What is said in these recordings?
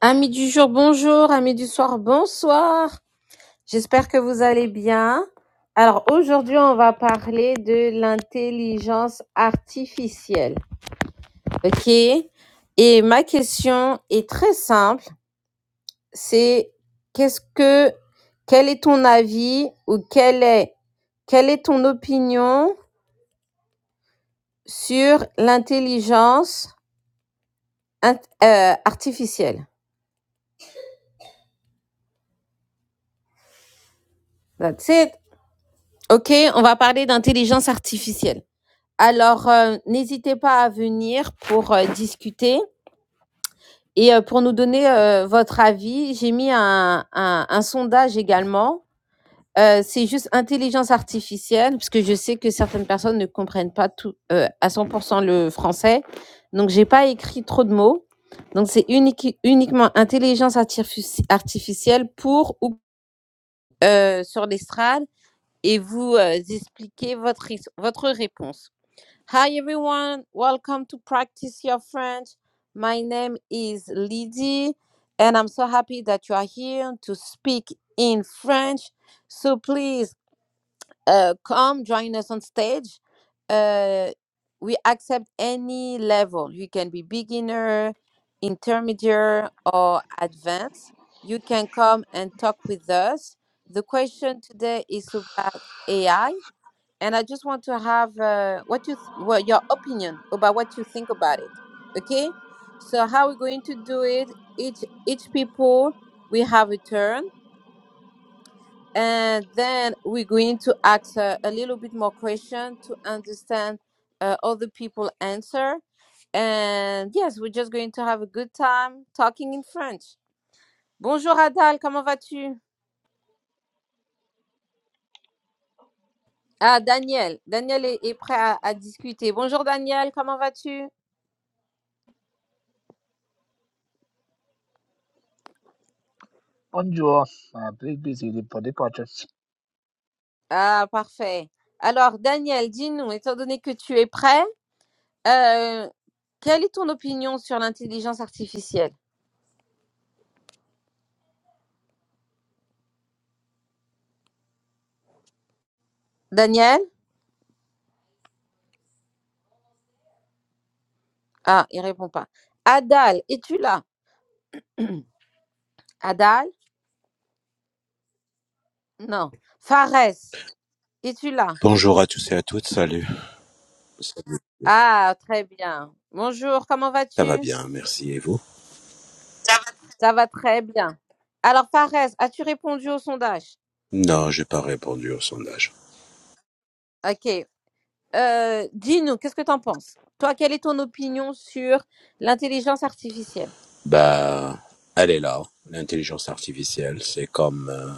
Amis du jour, bonjour. Amis du soir, bonsoir. J'espère que vous allez bien. Alors aujourd'hui, on va parler de l'intelligence artificielle. OK Et ma question est très simple. C'est qu'est-ce que quel est ton avis ou quelle est quelle est ton opinion sur l'intelligence int- euh, artificielle That's it. OK, on va parler d'intelligence artificielle. Alors, heu, n'hésitez pas à venir pour, heu, discuter et heu, pour nous donner, heu, votre avis. J'ai mis un un un sondage également. Heu, c'est juste intelligence artificielle, parce que je sais que certaines personnes ne comprennent pas tout, heu, à 100 pour cent le français. Donc j'ai pas écrit trop de mots. Donc c'est uniqui uniquement intelligence artifici artificielle pour ou, heu, sur l'estrade et vous, heu, expliquez votre ris votre réponse. Hi everyone, welcome to Practice Your French. My name is Lydie, and I'm so happy that you are here to speak in French. So please uh, come join us on stage. Uh, we accept any level. You can be beginner, intermediate, or advanced. You can come and talk with us. The question today is about AI and I just want to have uh, what you th- well, your opinion about what you think about it. Okay, so how we're going to do it? Each each people we have a turn, and then we're going to ask uh, a little bit more question to understand uh, other people answer. And yes, we're just going to have a good time talking in French. Bonjour Adal, comment vas-tu? Ah, Daniel. Daniel est, est prêt à, à discuter. Bonjour Daniel, comment vas-tu? Bonjour. Uh, please be seated for the contest. Ah, parfait. Alors, Daniel, dis-nous, étant donné que tu es prêt, euh, quelle est ton opinion sur l'intelligence artificielle? Daniel? Ah, il répond pas. Adal, es-tu là? Adal? Non. Fares, es-tu là? Bonjour à tous et à toutes, salut. Salut. Ah, très bien. Bonjour, comment Ça va vas-tu? bien, merci. Et vous? Ça va très bien. Alors, Fares, as-tu répondu au sondage? Non, j'ai pas répondu au sondage. Ok. Euh, dis-nous, qu'est-ce que tu en penses? Toi, quelle est ton opinion sur l'intelligence artificielle? Bah, elle est là. L'intelligence artificielle, c'est comme euh,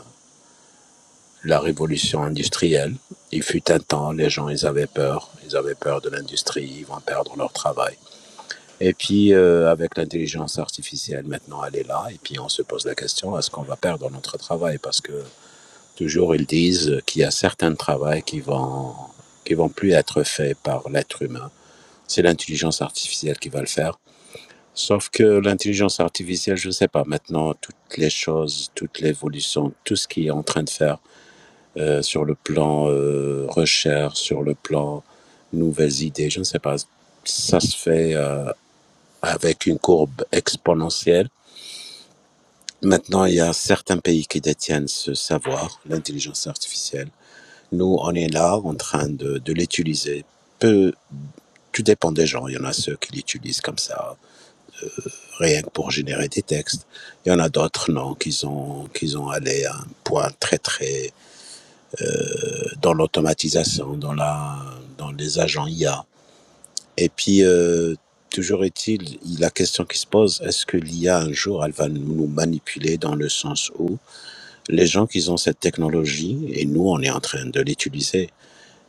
la révolution industrielle. Il fut un temps, les gens, ils avaient peur. Ils avaient peur de l'industrie, ils vont perdre leur travail. Et puis, euh, avec l'intelligence artificielle, maintenant, elle est là. Et puis, on se pose la question, est-ce qu'on va perdre notre travail? Parce que toujours, ils disent qu'il y a certains travails qui vont, qui vont plus être faits par l'être humain. C'est l'intelligence artificielle qui va le faire. Sauf que l'intelligence artificielle, je ne sais pas, maintenant, toutes les choses, toute l'évolution, tout ce qui est en train de faire euh, sur le plan euh, recherche, sur le plan nouvelles idées, je ne sais pas, ça se fait euh, avec une courbe exponentielle. Maintenant, il y a certains pays qui détiennent ce savoir, l'intelligence artificielle. Nous, on est là en train de, de l'utiliser. Peu, tout dépend des gens. Il y en a ceux qui l'utilisent comme ça rien que pour générer des textes. Il y en a d'autres, non, qui sont, qui sont allés à un point très, très euh, dans l'automatisation, dans, la, dans les agents IA. Et puis, euh, toujours est-il, la question qui se pose, est-ce que l'IA, un jour, elle va nous manipuler dans le sens où les gens qui ont cette technologie, et nous, on est en train de l'utiliser,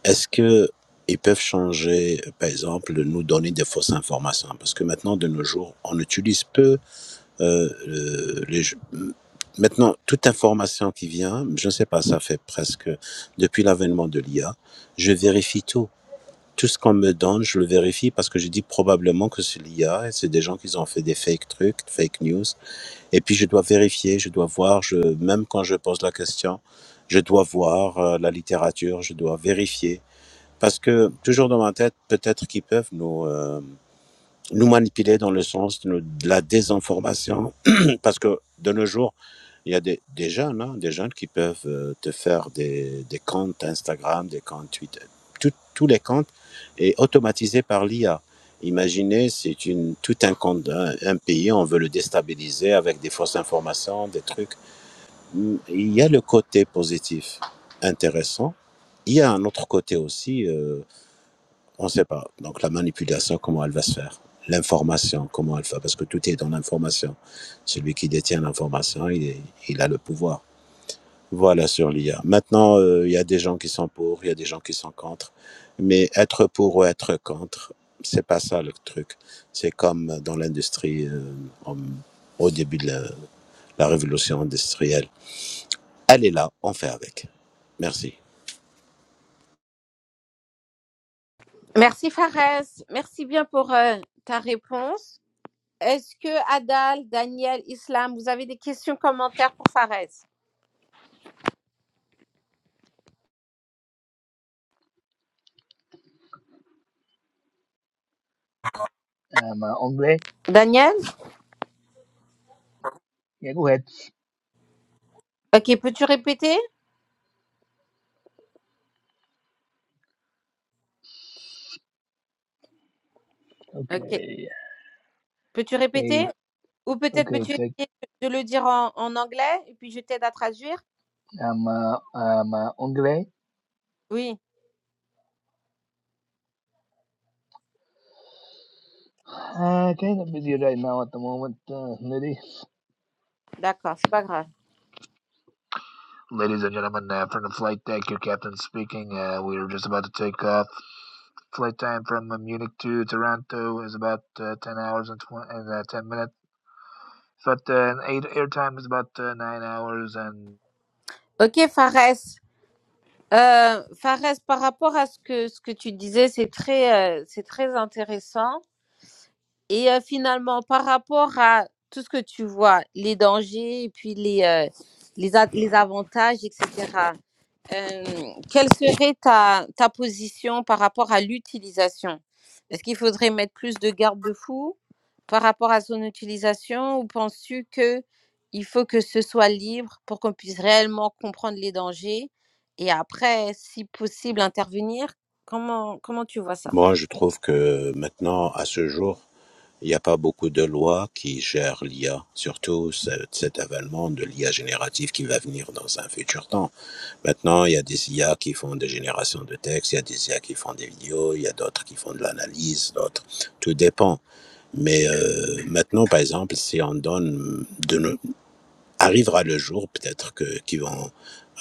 est-ce que ils peuvent changer, par exemple, nous donner des fausses informations, parce que maintenant, de nos jours, on utilise peu Euh, euh, les jeux- euh, Maintenant, toute information qui vient, je ne sais pas, ça fait presque depuis l'avènement de l'IA, je vérifie tout. Tout ce qu'on me donne, je le vérifie parce que je dis probablement que c'est l'IA et c'est des gens qui ont fait des fake trucs, fake news. Et puis je dois vérifier, je dois voir, je, même quand je pose la question, je dois voir euh, la littérature, je dois vérifier. Parce que toujours dans ma tête, peut-être qu'ils peuvent nous, euh, nous manipuler dans le sens de, de la désinformation, parce que de nos jours, il y a des, des jeunes, hein, des jeunes qui peuvent euh, te faire des, des comptes Instagram, des comptes Twitter, Tout- tous les comptes est automatisé par l'IA. Imaginez, c'est une tout un compte d'un un pays, on veut le déstabiliser avec des fausses informations, des trucs. Il y a le côté positif intéressant. Il y a un autre côté aussi. euh, on ne sait pas. Donc la manipulation, comment elle va se faire L'information, comment elle va Parce que tout est dans l'information. Celui qui détient l'information, il, est- il a le pouvoir. Voilà sur l'IA. Maintenant, euh, il y a des gens qui sont pour, il y a des gens qui sont contre. Mais être pour ou être contre, c'est pas ça le truc. C'est comme dans l'industrie, euh, en- au début de la, la révolution industrielle. Elle est là, on fait avec. Merci. Merci Fares, merci bien pour euh, ta réponse. Est-ce que Adal, Daniel, Islam, vous avez des questions, commentaires pour Fares Um, uh, anglais. Daniel yeah, go ahead. Ok, peux-tu répéter Ok, Okay, peux-tu okay, répéter Ou peut-être okay. peux-tu Take essayer de le dire en, en anglais et puis je t'aide à traduire um, uh, um, uh, Ongle. Oui, Uh, kind of busy right now at the moment, uh, lady. d'accord, c'est pas grave. Ladies and gentlemen, uh, from the flight deck, your captain speaking. Uh, we are just about to take off. Flight time from uh, Munich to Toronto is about uh, 10 hours and, tw- and uh, 10 minutes. But uh, air airtime is about uh, 9 hours and Ok Fares, Euh, Fares, par rapport à ce que ce que tu disais, c'est très euh, c'est très intéressant. Et euh, finalement, par rapport à tout ce que tu vois, les dangers et puis les euh, les a- les avantages, etc. Euh, quelle serait ta, ta position par rapport à l'utilisation Est-ce qu'il faudrait mettre plus de garde-fous par rapport à son utilisation ou penses-tu que il faut que ce soit libre pour qu'on puisse réellement comprendre les dangers et après, si possible, intervenir Comment, comment tu vois ça Moi, je trouve que maintenant, à ce jour, Il y a pas beaucoup de lois qui gèrent l'IA, surtout cet cet avènement de l'IA générative qui va venir dans un futur temps. Maintenant, il y a des IA qui font des générations de textes, il y a des IA qui font des vidéos, il y a d'autres qui font de l'analyse, d'autres. Tout dépend. Mais euh, maintenant, par exemple, si on donne, de, no-, arrivera le jour peut-être que qui vont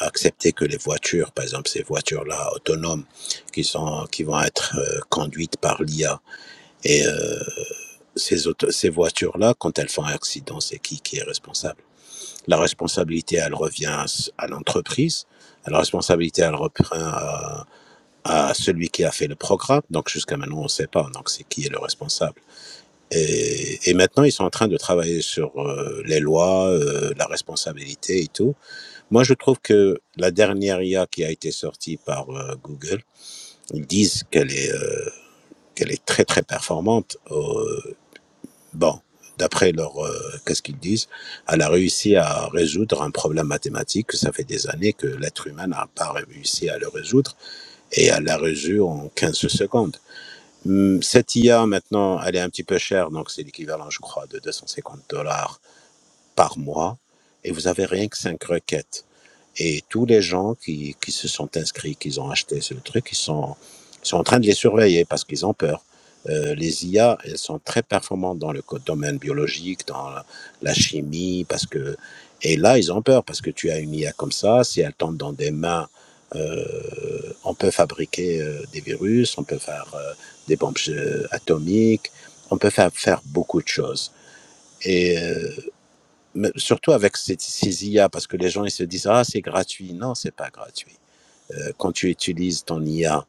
accepter que les voitures, par exemple ces voitures-là autonomes, qui sont qui vont être euh, conduites par l'IA, ces, auto- ces voitures-là, quand elles font un accident, c'est qui qui est responsable La responsabilité, elle revient à, s- à l'entreprise. La responsabilité, elle reprend à, à celui qui a fait le programme. Donc jusqu'à maintenant, on ne sait pas. Donc c'est qui est le responsable et, et maintenant, ils sont en train de travailler sur euh, les lois, euh, la responsabilité et tout. Moi, je trouve que la dernière IA qui a été sortie par euh, Google, ils disent qu'elle est, euh, qu'elle est très très performante. Au- Bon, d'après leur, euh, qu'est-ce qu'ils disent, elle a réussi à résoudre un problème mathématique que ça fait des années que l'être humain n'a pas réussi à le résoudre et elle l'a résolu en 15 secondes. Hum, Cette IA maintenant, elle est un petit peu chère, donc c'est l'équivalent, je crois, de 250 dollars par mois et vous avez rien que cinq requêtes. Et tous les gens qui, qui se sont inscrits, qui ont acheté ce truc, ils sont, ils sont en train de les surveiller parce qu'ils ont peur. Euh, les IA, elles sont très performantes dans le domaine biologique, dans la, la chimie, parce que et là ils ont peur parce que tu as une IA comme ça, si elle tombe dans des mains, euh, on peut fabriquer euh, des virus, on peut faire euh, des bombes euh, atomiques, on peut faire, faire beaucoup de choses. Et euh, mais surtout avec ces, ces IA, parce que les gens ils se disent ah c'est gratuit. Non, c'est pas gratuit. Euh, quand tu utilises ton IA,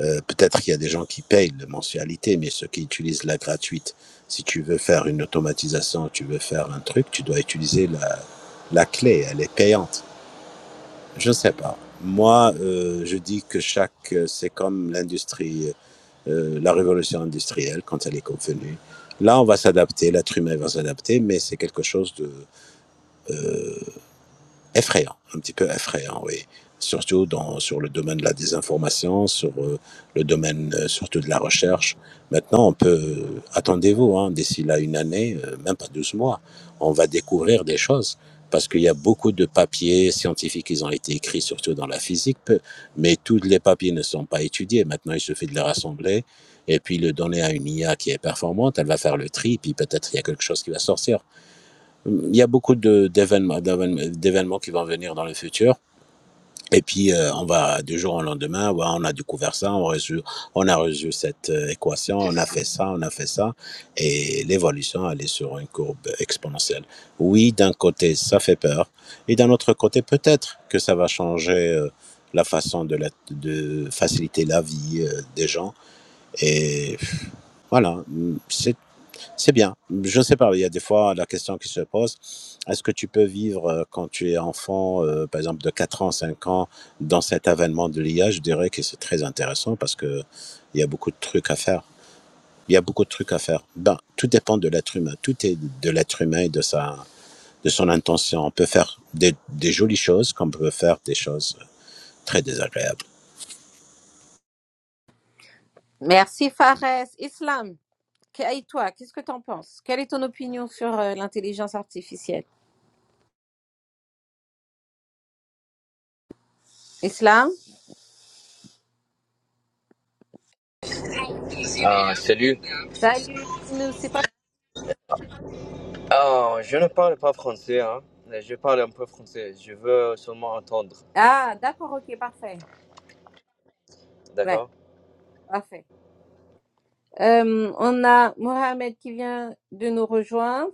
euh, peut-être qu'il y a des gens qui payent la mensualité, mais ceux qui utilisent la gratuite, si tu veux faire une automatisation, tu veux faire un truc, tu dois utiliser la, la clé, elle est payante. Je ne sais pas. Moi, euh, je dis que chaque, euh, c'est comme l'industrie, euh, la révolution industrielle quand elle est convenue. Là, on va s'adapter, l'être humain va s'adapter, mais c'est quelque chose de, euh, effrayant, un petit peu effrayant, oui. Surtout dans, sur le domaine de la désinformation, sur euh, le domaine euh, surtout de la recherche. Maintenant, on peut, attendez-vous, hein, d'ici là une année, euh, même pas 12 mois, on va découvrir des choses. Parce qu'il y a beaucoup de papiers scientifiques qui ont été écrits, surtout dans la physique, peu- mais tous les papiers ne sont pas étudiés. Maintenant, il suffit de les rassembler et puis le donner à une IA qui est performante, elle va faire le tri, puis peut-être il y a quelque chose qui va sortir. Il y a beaucoup de- d'événements d'événements d'événements qui vont venir dans le futur. Et puis, euh, on va du jour au lendemain, ouais, on a découvert ça, on, résout- on a résolu cette euh, équation, on a fait ça, on a fait ça. Et l'évolution, elle est sur une courbe exponentielle. Oui, d'un côté, ça fait peur. Et d'un autre côté, peut-être que ça va changer euh, la façon de, la- de faciliter la vie euh, des gens. Et voilà, c'est c'est bien. Je ne sais pas, il y a des fois la question qui se pose, est-ce que tu peux vivre euh, quand tu es enfant, euh, par exemple de 4 ans, 5 ans, dans cet avènement de l'IA? Je dirais que c'est très intéressant parce que il y a beaucoup de trucs à faire. Il y a beaucoup de trucs à faire. Ben, tout dépend de l'être humain. Tout est de l'être humain et de, sa, de son intention. On peut faire des, des jolies choses comme on peut faire des choses très désagréables. Merci Fares. Islam, que- et toi, qu'est-ce que tu en penses Quelle est ton opinion sur euh, l'intelligence artificielle Islam Ah, salut. Salut, nous, c'est quoi Ah, je ne parle pas français, hein. Je parle un peu français. Je veux seulement entendre. Ah, d'accord, ok, parfait. D'accord? Ouais, parfait. Euh, on a Mohamed qui vient de nous rejoindre.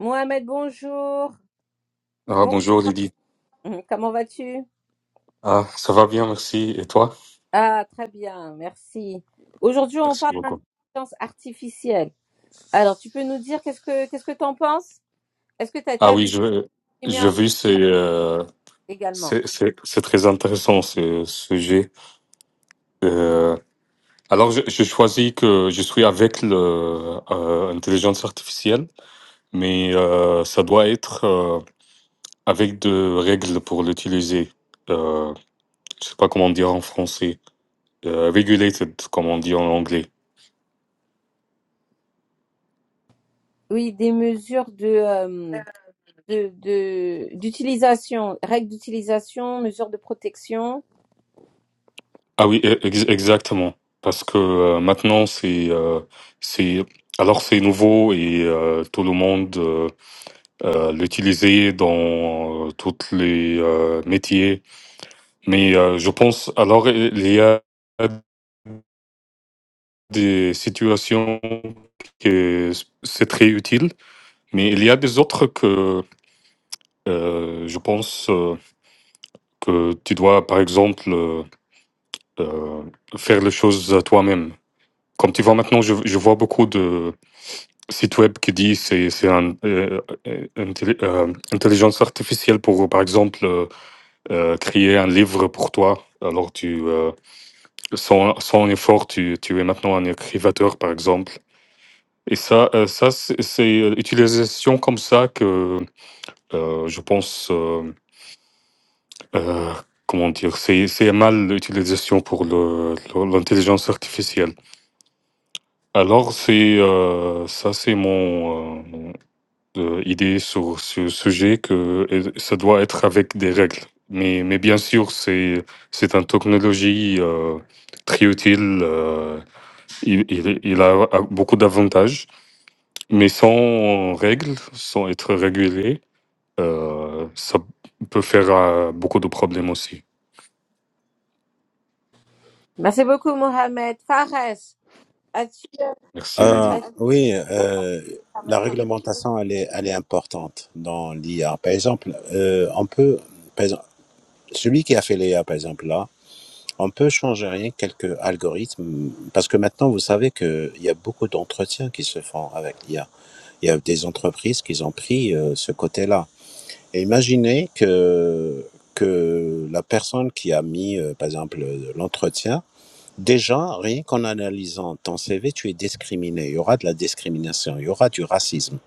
Mohamed, bonjour. Ah, Bon- bonjour Lydie. Mhm, comment vas-tu? Ah, ça va bien, merci. Et toi? Ah, très bien, merci. Aujourd'hui, on Merci parle beaucoup. d'intelligence artificielle. Alors, tu peux nous dire qu'est-ce que qu'est-ce que tu en penses? Est-ce que tu Ah as, vu oui, je, des je mesures vu, c'est, euh, également? c'est, c'est, c'est très intéressant ce sujet. Euh, alors, je, je choisis que je suis avec le, euh, intelligence artificielle, mais euh, ça doit être euh, avec de règles pour l'utiliser. Euh, je sais pas comment dire en français. Euh, regulated, comme on dit en anglais. Oui, des mesures de euh, de, de- d'utilisation, règles d'utilisation, mesures de protection. Ah oui, e- ex- exactement. Parce que euh, maintenant, c'est, euh, c'est, alors c'est nouveau et euh, tout le monde euh, euh, l'utilisait dans euh, tous les euh, métiers. Mais euh, je pense, alors il y a des situations que c'est très utile, mais il y a des autres que euh, je pense euh, que tu dois, par exemple, euh, euh, faire les choses toi-même. Comme tu vois maintenant, je, je vois beaucoup de site web qui dit c'est c'est un, euh, euh, intelli- euh, intelligence artificielle pour par exemple euh, euh, créer un livre pour toi alors tu euh, sans sans effort tu tu es maintenant un écrivateur par exemple et ça euh, ça c'est c'est, euh, utilisation comme ça que euh, je pense euh, euh, comment dire c'est c'est mal l'utilisation pour le le- l'intelligence artificielle alors c'est euh, ça c'est mon euh, euh, idée sur ce sujet que euh, ça doit être avec des règles. Mais, mais bien sûr, c'est, c'est une technologie euh, très utile. euh, il, il- il a a beaucoup d'avantages, mais sans règles, sans être régulé, euh, ça peut faire euh, beaucoup de problèmes aussi. Merci beaucoup, Mohamed. Fares, as-tu Merci, Lady. Euh, oui, euh, la as, réglementation, elle est, elle est importante dans l'IA. Par exemple, euh, on peut, par exemple, celui qui a fait l'IA, par exemple, là, on peut changer rien que quelques algorithmes, parce que maintenant, vous savez qu'il y a beaucoup d'entretiens qui se font avec l'IA. Il y a des entreprises qui ont pris euh, ce côté-là. Et imaginez que, que la personne qui a mis, euh, par exemple, l'entretien, Déjà, rien qu'en analysant ton CV, tu es discriminé. Il y aura de la discrimination, il y aura du racisme.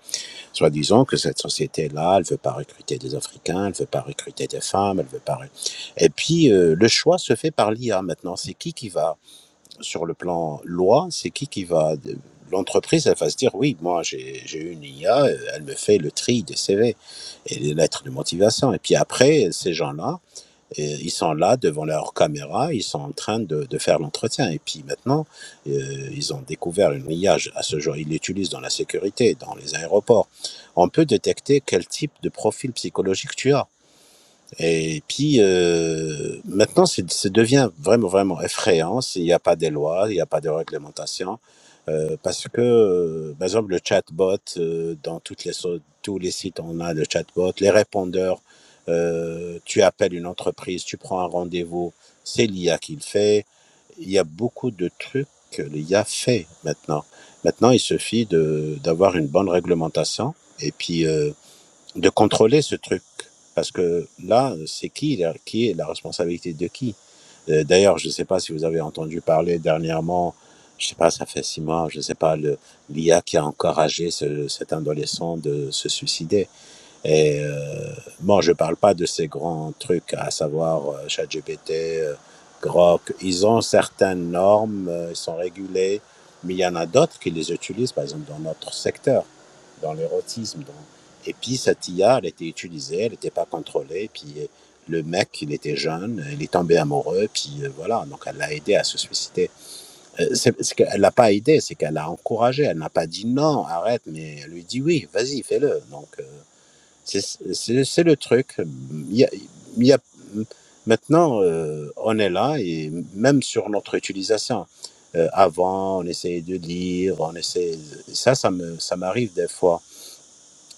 Soit disant que cette société-là, elle veut pas recruter des Africains, elle veut pas recruter des femmes, elle veut pas. Et puis euh, le choix se fait par l'IA maintenant. C'est qui qui va sur le plan loi C'est qui qui va L'entreprise, elle va se dire oui, moi j'ai j'ai une IA, elle me fait le tri des CV et les lettres de motivation. Et puis après, ces gens-là, et ils sont là devant leur caméra, ils sont en train de, de faire l'entretien. Et puis maintenant, euh, ils ont découvert le grillage à ce jour. Ils l'utilisent dans la sécurité, dans les aéroports. On peut détecter quel type de profil psychologique tu as. Et puis, euh, maintenant, c'est- ça devient vraiment, vraiment effrayant s'il n'y a pas de lois, il n'y a pas de réglementation. euh, parce que, euh, par exemple, le chatbot, euh, dans toutes les, so- tous les sites, on a le chatbot, les répondeurs, euh, tu appelles une entreprise, tu prends un rendez-vous, c'est l'IA qui le fait. Il y a beaucoup de trucs que l'IA fait maintenant. Maintenant, il suffit de- d'avoir une bonne réglementation. Et puis, euh, de contrôler ce truc. Parce que là, c'est qui, la- qui est la responsabilité de qui Euh, D'ailleurs, je ne sais pas si vous avez entendu parler dernièrement, je ne sais pas, ça fait six mois, je ne sais pas, le- l'IA qui a encouragé ce- cet adolescent de se suicider. Et euh, bon, je ne parle pas de ces grands trucs, à savoir euh, ChatGPT, euh, Grok. Ils ont certaines normes, euh, ils sont régulés, mais il y en a d'autres qui les utilisent, par exemple, dans notre secteur dans l'érotisme. Et puis, cette IA, elle était utilisée, elle n'était pas contrôlée. Puis, euh, le mec, il était jeune, il est tombé amoureux, puis euh, voilà, donc elle l'a aidé à se suicider. Euh, c'est, ce qu'elle ne l'a pas aidé, c'est qu'elle l'a encouragé. Elle n'a pas dit non, arrête, mais elle lui dit oui, vas-y, fais-le. Donc, euh, c'est, c'est, c'est le truc. Il y a, il y a- maintenant, euh, on est là, et même sur notre utilisation. Euh, avant, on essayait de lire, on essayait. Ça, ça, me, ça m'arrive des fois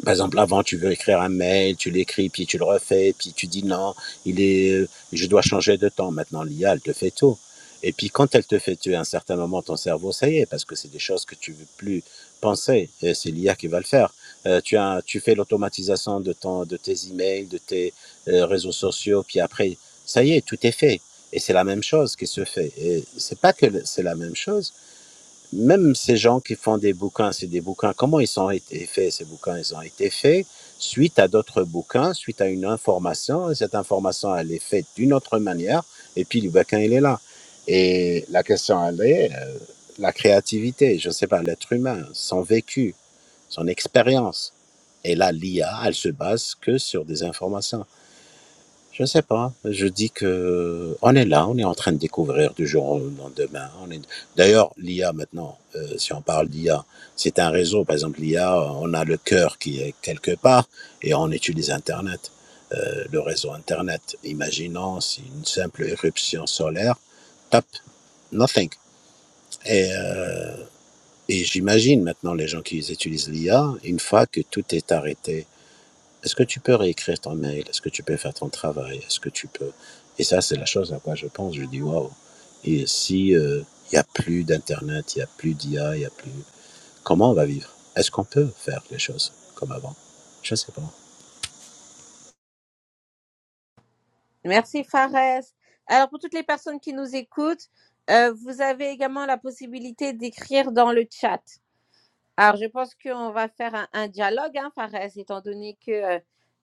par exemple, avant, tu veux écrire un mail, tu l'écris, puis tu le refais, puis tu dis non, il est, euh, je dois changer de temps. Maintenant, l'IA, elle te fait tout. Et puis, quand elle te fait tuer à un certain moment, ton cerveau, ça y est, parce que c'est des choses que tu veux plus penser. Et c'est l'IA qui va le faire. Euh, tu, as, tu fais l'automatisation de, ton, de tes emails, de tes euh, réseaux sociaux, puis après, ça y est, tout est fait. Et c'est la même chose qui se fait. Et c'est pas que c'est la même chose, même ces gens qui font des bouquins, c'est des bouquins, comment ils ont été faits, ces bouquins? Ils ont été faits suite à d'autres bouquins, suite à une information, et cette information, elle est faite d'une autre manière, et puis le bouquin, il est là. Et la question, elle est, euh, la créativité, je ne sais pas, l'être humain, son vécu, son expérience. Et là, l'IA, elle se base que sur des informations. Je sais pas, je dis que on est là, on est en train de découvrir du jour au lendemain. On est... D'ailleurs, l'IA maintenant, euh, si on parle d'IA, c'est un réseau. Par exemple, l'IA, on a le cœur qui est quelque part et on utilise Internet, euh, le réseau Internet. Imaginons si une simple éruption solaire, top, nothing. Et, euh, et j'imagine maintenant les gens qui utilisent l'IA, une fois que tout est arrêté, est-ce que tu peux réécrire ton mail? Est-ce que tu peux faire ton travail? Est-ce que tu peux... Et ça, c'est la chose à quoi je pense. Je dis, waouh, et si euh, il n'y a plus d'Internet, il n'y a plus d'IA, il n'y a plus... Comment on va vivre? Est-ce qu'on peut faire les choses comme avant? Je ne sais pas. Merci Fares. Alors pour toutes les personnes qui nous écoutent, euh, vous avez également la possibilité d'écrire dans le chat. Alors je pense qu'on va faire un, un dialogue, hein, Fares, étant donné que euh,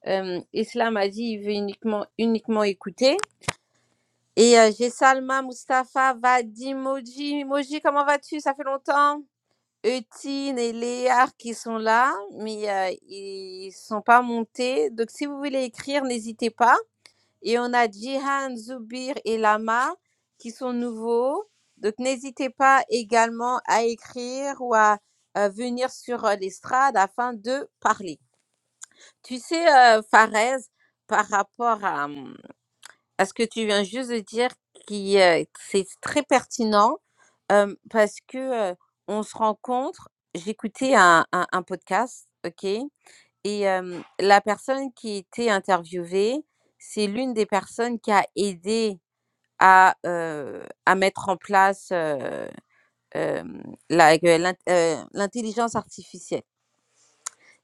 euh, Islam a dit il veut uniquement, uniquement écouter. Et euh, j'ai Salma, Mustapha, Vadim, Moji. Moji, comment vas-tu? Ça fait longtemps. Eutine et Léar qui sont là, mais euh, ils sont pas montés. Donc si vous voulez écrire, n'hésitez pas. Et on a Jihan, Zubir et Lama qui sont nouveaux. Donc n'hésitez pas également à écrire ou à euh, venir sur euh, l'estrade afin de parler. Tu sais, euh, Fares, par rapport à, hum, à ce que tu viens juste de dire, qui euh, c'est très pertinent euh, parce que euh, on se rencontre. J'écoutais un, un, un podcast, ok, et euh, la personne qui était interviewée, c'est l'une des personnes qui a aidé à, euh, à mettre en place euh, euh, la- que l'int- euh, l'intelligence artificielle.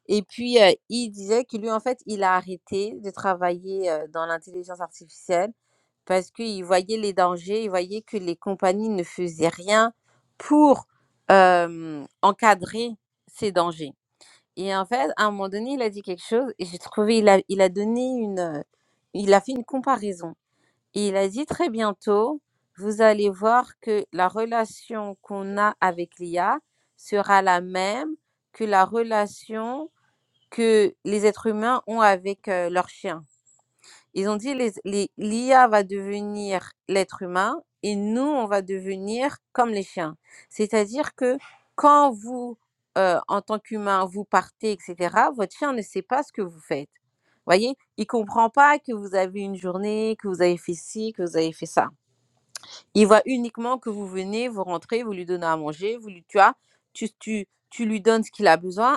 Et puis, euh, il disait que lui, en fait, il a arrêté de travailler euh, dans l'intelligence artificielle parce qu'il voyait les dangers, il voyait que les compagnies ne faisaient rien pour euh, encadrer ces dangers. Et en fait, à un moment donné, il a dit quelque chose et j'ai trouvé, il a, il a donné une, il a fait une comparaison il a dit très bientôt, vous allez voir que la relation qu'on a avec l'IA sera la même que la relation que les êtres humains ont avec euh, leurs chiens. Ils ont dit les, les- l'IA va devenir l'être humain et nous, on va devenir comme les chiens. C'est-à-dire que quand vous, euh, en tant qu'humain, vous partez, etc., votre chien ne sait pas ce que vous faites. Voyez, il comprend pas que vous avez une journée, que vous avez fait ci, que vous avez fait ça. Il voit uniquement que vous venez, vous rentrez, vous lui donnez à manger, vous lui tu as, tu, tu, tu lui donnes ce qu'il a besoin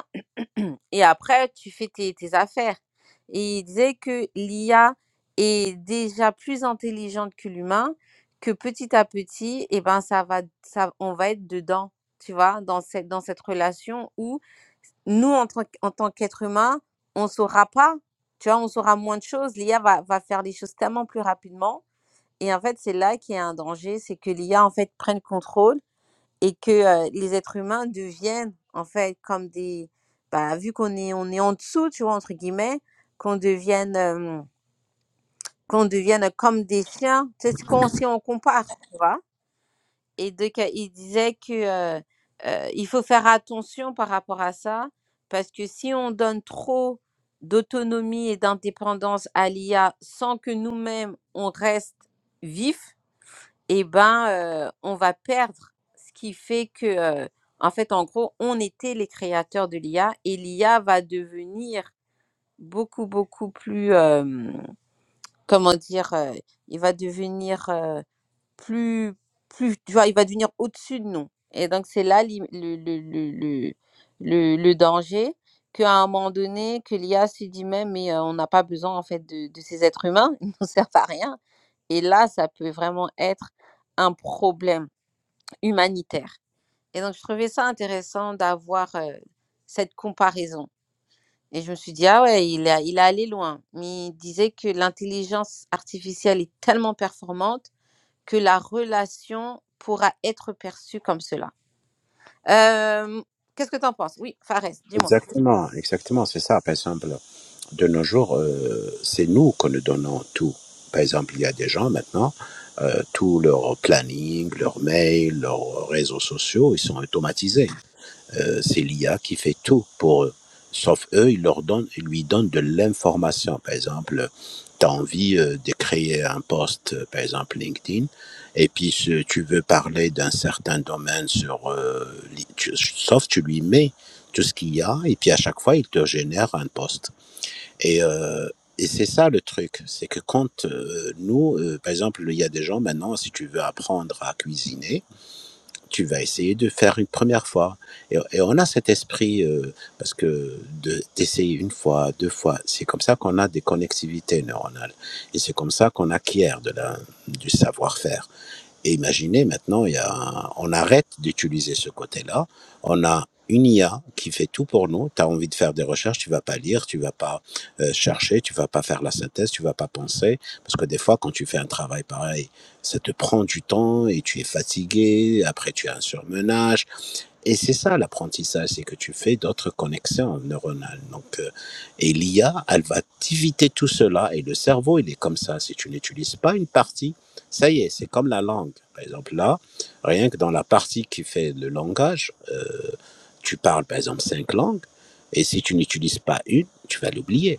et après, tu fais tes, tes affaires. Et il disait que l'IA est déjà plus intelligente que l'humain, que petit à petit, eh ben, ça va, ça, on va être dedans, tu vois, dans cette, dans cette relation où nous, en, tant qu- en tant qu'être humain, on saura pas, tu vois, on saura moins de choses. L'IA va, va faire les choses tellement plus rapidement. Et en fait, c'est là qu'il y a un danger, c'est que l'IA, en fait, prenne contrôle et que euh, les êtres humains deviennent en fait comme des bah, vu qu'on est on est en dessous tu vois entre guillemets qu'on devienne euh, qu'on devienne comme des chiens c'est ce qu'on si on compare tu vois et donc euh, il disait que euh, euh, il faut faire attention par rapport à ça parce que si on donne trop d'autonomie et d'indépendance à l'IA sans que nous-mêmes on reste vif eh ben, euh, on va perdre ce qui fait que, euh, en fait, en gros, on était les créateurs de l'IA et l'IA va devenir beaucoup, beaucoup plus, euh, comment dire, euh, il va devenir euh, plus, plus, tu vois, il va devenir au-dessus de nous. Et donc, c'est là l'im- le, le, le, le, le, le danger qu'à un moment donné, que l'IA se dit même, mais euh, on n'a pas besoin, en fait, de, de ces êtres humains, ils ne nous servent à rien. Et là, ça peut vraiment être un problème humanitaire. Et donc, je trouvais ça intéressant d'avoir euh, cette comparaison. Et je me suis dit, ah ouais, il a, il est allé loin. Mais il disait que l'intelligence artificielle est tellement performante que la relation pourra être perçue comme cela. Euh, qu'est-ce que tu en penses Oui, Fares, dis-moi. Exactement, exactement, c'est ça. Par exemple, de nos jours, euh, c'est nous que nous donnons tout. Par exemple, il y a des gens maintenant, euh, tout leur planning, leur mail, leurs réseaux sociaux, ils sont automatisés. Euh, c'est l'IA qui fait tout pour eux. Sauf eux, ils leur donnent, ils lui donnent de l'information. Par exemple, tu as envie euh, de créer un post, euh, par exemple LinkedIn, et puis si tu veux parler d'un certain domaine sur, euh, li- tu- sauf tu lui mets tout ce qu'il y a, et puis à chaque fois, il te génère un post. Et, euh, et c'est ça le truc, c'est que quand euh, nous, euh, par exemple, il y a des gens maintenant, si tu veux apprendre à cuisiner, tu vas essayer de faire une première fois. Et, et on a cet esprit, euh, parce que de- d'essayer une fois, deux fois, c'est comme ça qu'on a des connectivités neuronales. Et c'est comme ça qu'on acquiert de la, du savoir-faire. Et imaginez maintenant, il y a un- on arrête d'utiliser ce côté-là. On a une IA qui fait tout pour nous. Tu as envie de faire des recherches, tu vas pas lire, tu vas pas euh, chercher, tu vas pas faire la synthèse, tu vas pas penser. Parce que des fois, quand tu fais un travail pareil, ça te prend du temps et tu es fatigué. Après, tu as un surmenage et c'est ça l'apprentissage, c'est que tu fais d'autres connexions neuronales. Donc, euh, et l'IA, elle va t'éviter tout cela. Et le cerveau, il est comme ça. Si tu n'utilises pas une partie, ça y est, c'est comme la langue. Par exemple, là, rien que dans la partie qui fait le langage, euh, tu parles par exemple cinq langues. Et si tu n'utilises pas une, tu vas l'oublier.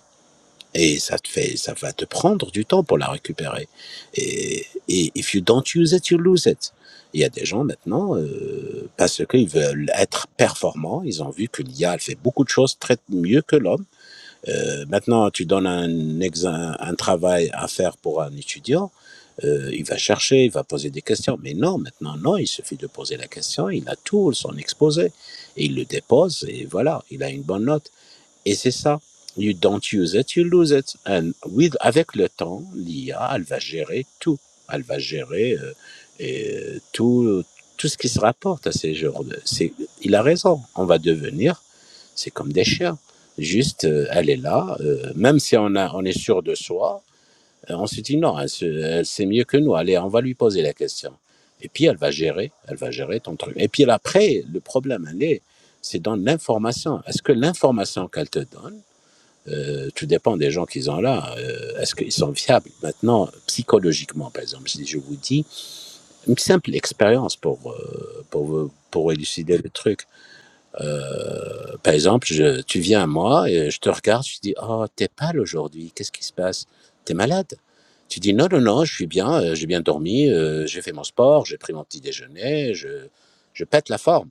Et ça te fait, ça va te prendre du temps pour la récupérer. Et, et if you don't use it, you lose it. Il y a des gens maintenant, euh, parce qu'ils veulent être performants, ils ont vu que l'IA elle fait beaucoup de choses très mieux que l'homme. Euh, maintenant, tu donnes un, ex- un, un travail à faire pour un étudiant, euh, il va chercher, il va poser des questions. Mais non, maintenant, non, il suffit de poser la question, il a tout, son exposé, et il le dépose, et voilà, il a une bonne note. Et c'est ça. You don't use it, you lose it. And with, avec le temps, l'IA, elle va gérer tout. Elle va gérer euh, et, euh, tout, tout ce qui se rapporte à ces genres de. c'est- Il a raison. On va devenir, c'est comme des chiens. Juste, euh, elle est là. euh, même si on, a, on est sûr de soi, euh, on se dit non, elle, se- elle sait mieux que nous. Allez, on va lui poser la question. Et puis elle va gérer, elle va gérer ton truc. Et puis là, après, le problème, elle est, c'est dans l'information. Est-ce que l'information qu'elle te donne euh, tout dépend des gens qu'ils ont là. Euh, Est-ce qu'ils sont viables maintenant psychologiquement, par exemple Si je vous dis une simple expérience pour euh, pour pour élucider le truc. Euh, par exemple, je, tu viens à moi et je te regarde, je te dis oh t'es pâle aujourd'hui, qu'est-ce qui se passe T'es malade Tu dis non non non, je suis bien, euh, j'ai bien dormi, euh, j'ai fait mon sport, j'ai pris mon petit déjeuner, je je pète la forme.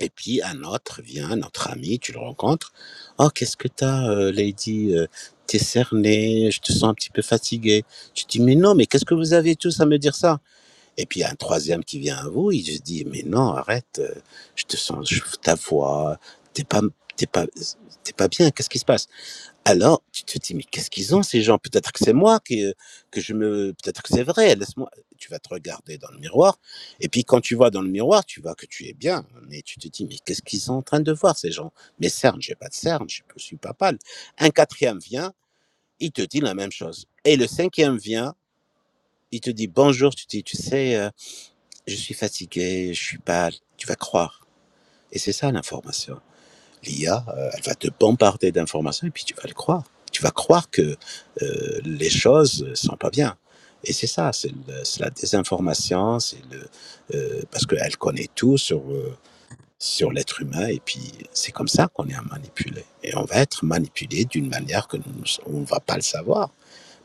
Et puis un autre vient, notre ami, tu le rencontres. Oh, qu'est-ce que t'as, euh, Lady euh, T'es cerné, je te sens un petit peu fatigué. Tu dis, mais non, mais qu'est-ce que vous avez tous à me dire ça Et puis il y a un troisième qui vient à vous, il se dit, mais non, arrête, euh, je te sens, je- ta voix, t'es pas, t'es pas, t'es pas bien, qu'est-ce qui se passe alors, tu te dis, mais qu'est-ce qu'ils ont ces gens? Peut-être que c'est moi qui, euh, que je me, peut-être que c'est vrai, laisse-moi. Tu vas te regarder dans le miroir. Et puis, quand tu vois dans le miroir, tu vois que tu es bien. Mais tu te dis, mais qu'est-ce qu'ils sont en train de voir ces gens? Mes cernes, j'ai pas de cernes, je ne suis pas pâle. Un quatrième vient, il te dit la même chose. Et le cinquième vient, il te dit bonjour, tu te dis, tu sais, euh, je suis fatigué, je suis pâle. Tu vas croire. Et c'est ça l'information. L'IA, euh, elle va te bombarder d'informations et puis tu vas le croire. Tu vas croire que euh, les choses sont pas bien. Et c'est ça, c'est la désinformation, c'est le euh, parce qu'elle connaît tout sur euh, sur l'être humain et puis c'est comme ça qu'on est manipulé et on va être manipulé d'une manière que nous on va pas le savoir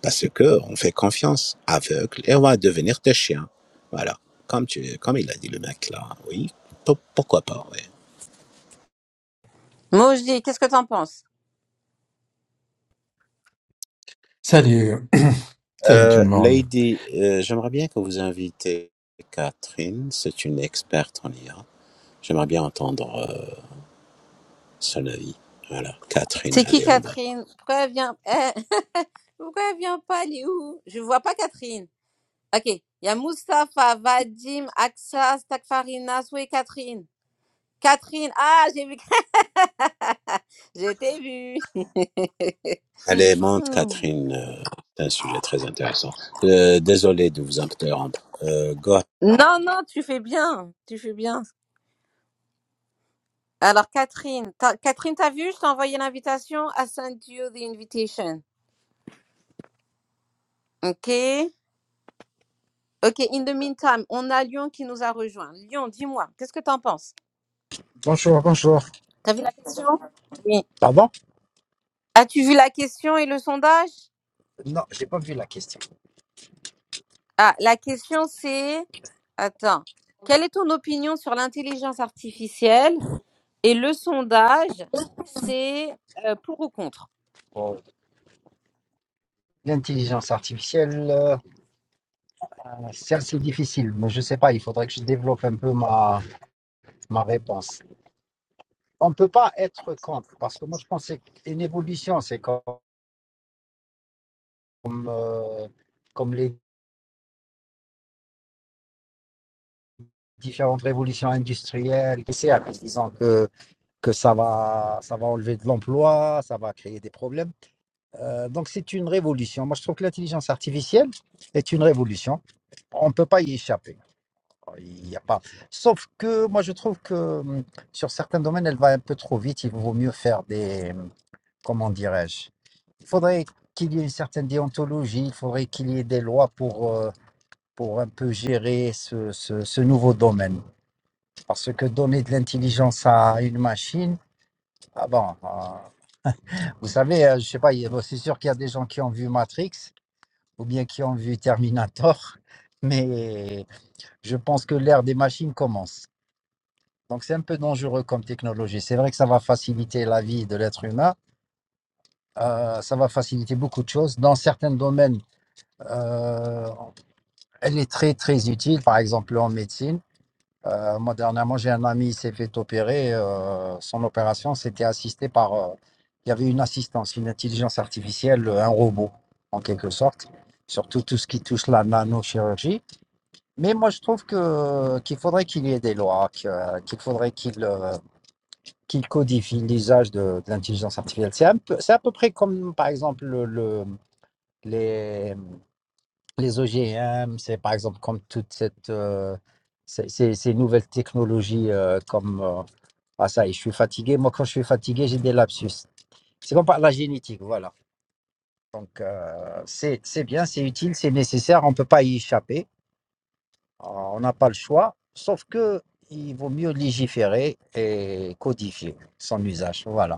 parce que on fait confiance aveugle et on va devenir des chiens. Voilà, comme tu comme il a dit le mec là, oui, pourquoi pas. Oui. Moji, qu'est-ce que tu en penses Salut, salut tout Euh, le monde. Lady, euh, j'aimerais bien que vous invitez Catherine, c'est une experte en IA. J'aimerais bien entendre euh, son avis. Voilà, Catherine, C'est qui allez en bas. Catherine Pourquoi elle vient Eh, Pourquoi elle vient pas Elle est où Je vois pas Catherine. Ok, il y a Moustapha, Vadim, Axa, Stakfarina, Soué, Catherine. Catherine, ah, j'ai vu. je t'ai vu. Allez, monte Hmm. Catherine, euh, c'est un sujet très intéressant. Euh, désolé de vous interrompre. Euh, go- ahead. non, non, tu fais bien. Tu fais bien. Alors, Catherine, t'as- Catherine, t'as vu, je t'ai envoyé l'invitation. I sent you the invitation. OK. OK, in the meantime, on a Lyon qui nous a rejoint. Lyon, dis-moi, qu'est-ce que t'en penses? Bonjour, bonjour. T'as vu la question? Oui. Ça va? As-tu vu la question et le sondage? Non, j'ai pas vu la question. Ah, la question c'est... Attends. Quelle est ton opinion sur l'intelligence artificielle Et le sondage, c'est euh, pour ou contre. Oh. L'intelligence artificielle, euh, c'est assez difficile, mais je sais pas, il faudrait que je développe un peu ma, ma réponse. On peut pas être contre, parce que moi je pensais qu'une évolution, c'est comme, euh, comme les différentes révolutions industrielles, qui c'est, en disant que, que ça va, ça va enlever de l'emploi, ça va créer des problèmes. Euh, donc c'est une révolution. Moi je trouve que l'intelligence artificielle est une révolution. On ne peut pas y échapper. Il n'y a pas. Sauf que moi, je trouve que hum, sur certains domaines, elle va un peu trop vite. Il vaut mieux faire des. hum, Comment dirais-je? Il faudrait qu'il y ait une certaine déontologie, il faudrait qu'il y ait des lois pour, euh, pour un peu gérer ce, ce, ce nouveau domaine. Parce que donner de l'intelligence à une machine, ah bon, euh, vous savez, euh, je sais pas, il y a- bon, c'est sûr qu'il y a des gens qui ont vu Matrix ou bien qui ont vu Terminator, mais je pense que l'ère des machines commence. Donc c'est un peu dangereux comme technologie. C'est vrai que ça va faciliter la vie de l'être humain, euh, ça va faciliter beaucoup de choses. Dans certains domaines, euh, elle est très très utile, par exemple en médecine. Euh, moi dernièrement, j'ai un ami, il s'est fait opérer. euh, son opération, c'était assisté par... euh, il y avait une assistance, une intelligence artificielle, euh, un robot en quelque sorte, surtout tout ce qui touche la nanochirurgie. Mais moi je trouve que qu'il faudrait qu'il y ait des lois, que- qu'il faudrait qu'il... euh, qui codifie l'usage de, de l'intelligence artificielle. C'est un peu- c'est à peu près comme, par exemple, le, le- les, les OGM, c'est par exemple comme toute cette, euh, ces, ces- ces nouvelles technologies euh, comme... euh, ah ça y est, je suis fatigué. Moi, quand je suis fatigué, j'ai des lapsus. C'est comme par la génétique, voilà. Donc, euh, c'est c'est bien, c'est utile, c'est nécessaire, on ne peut pas y échapper. Euh, On n'a pas le choix, sauf que il vaut mieux légiférer et codifier son usage, voilà.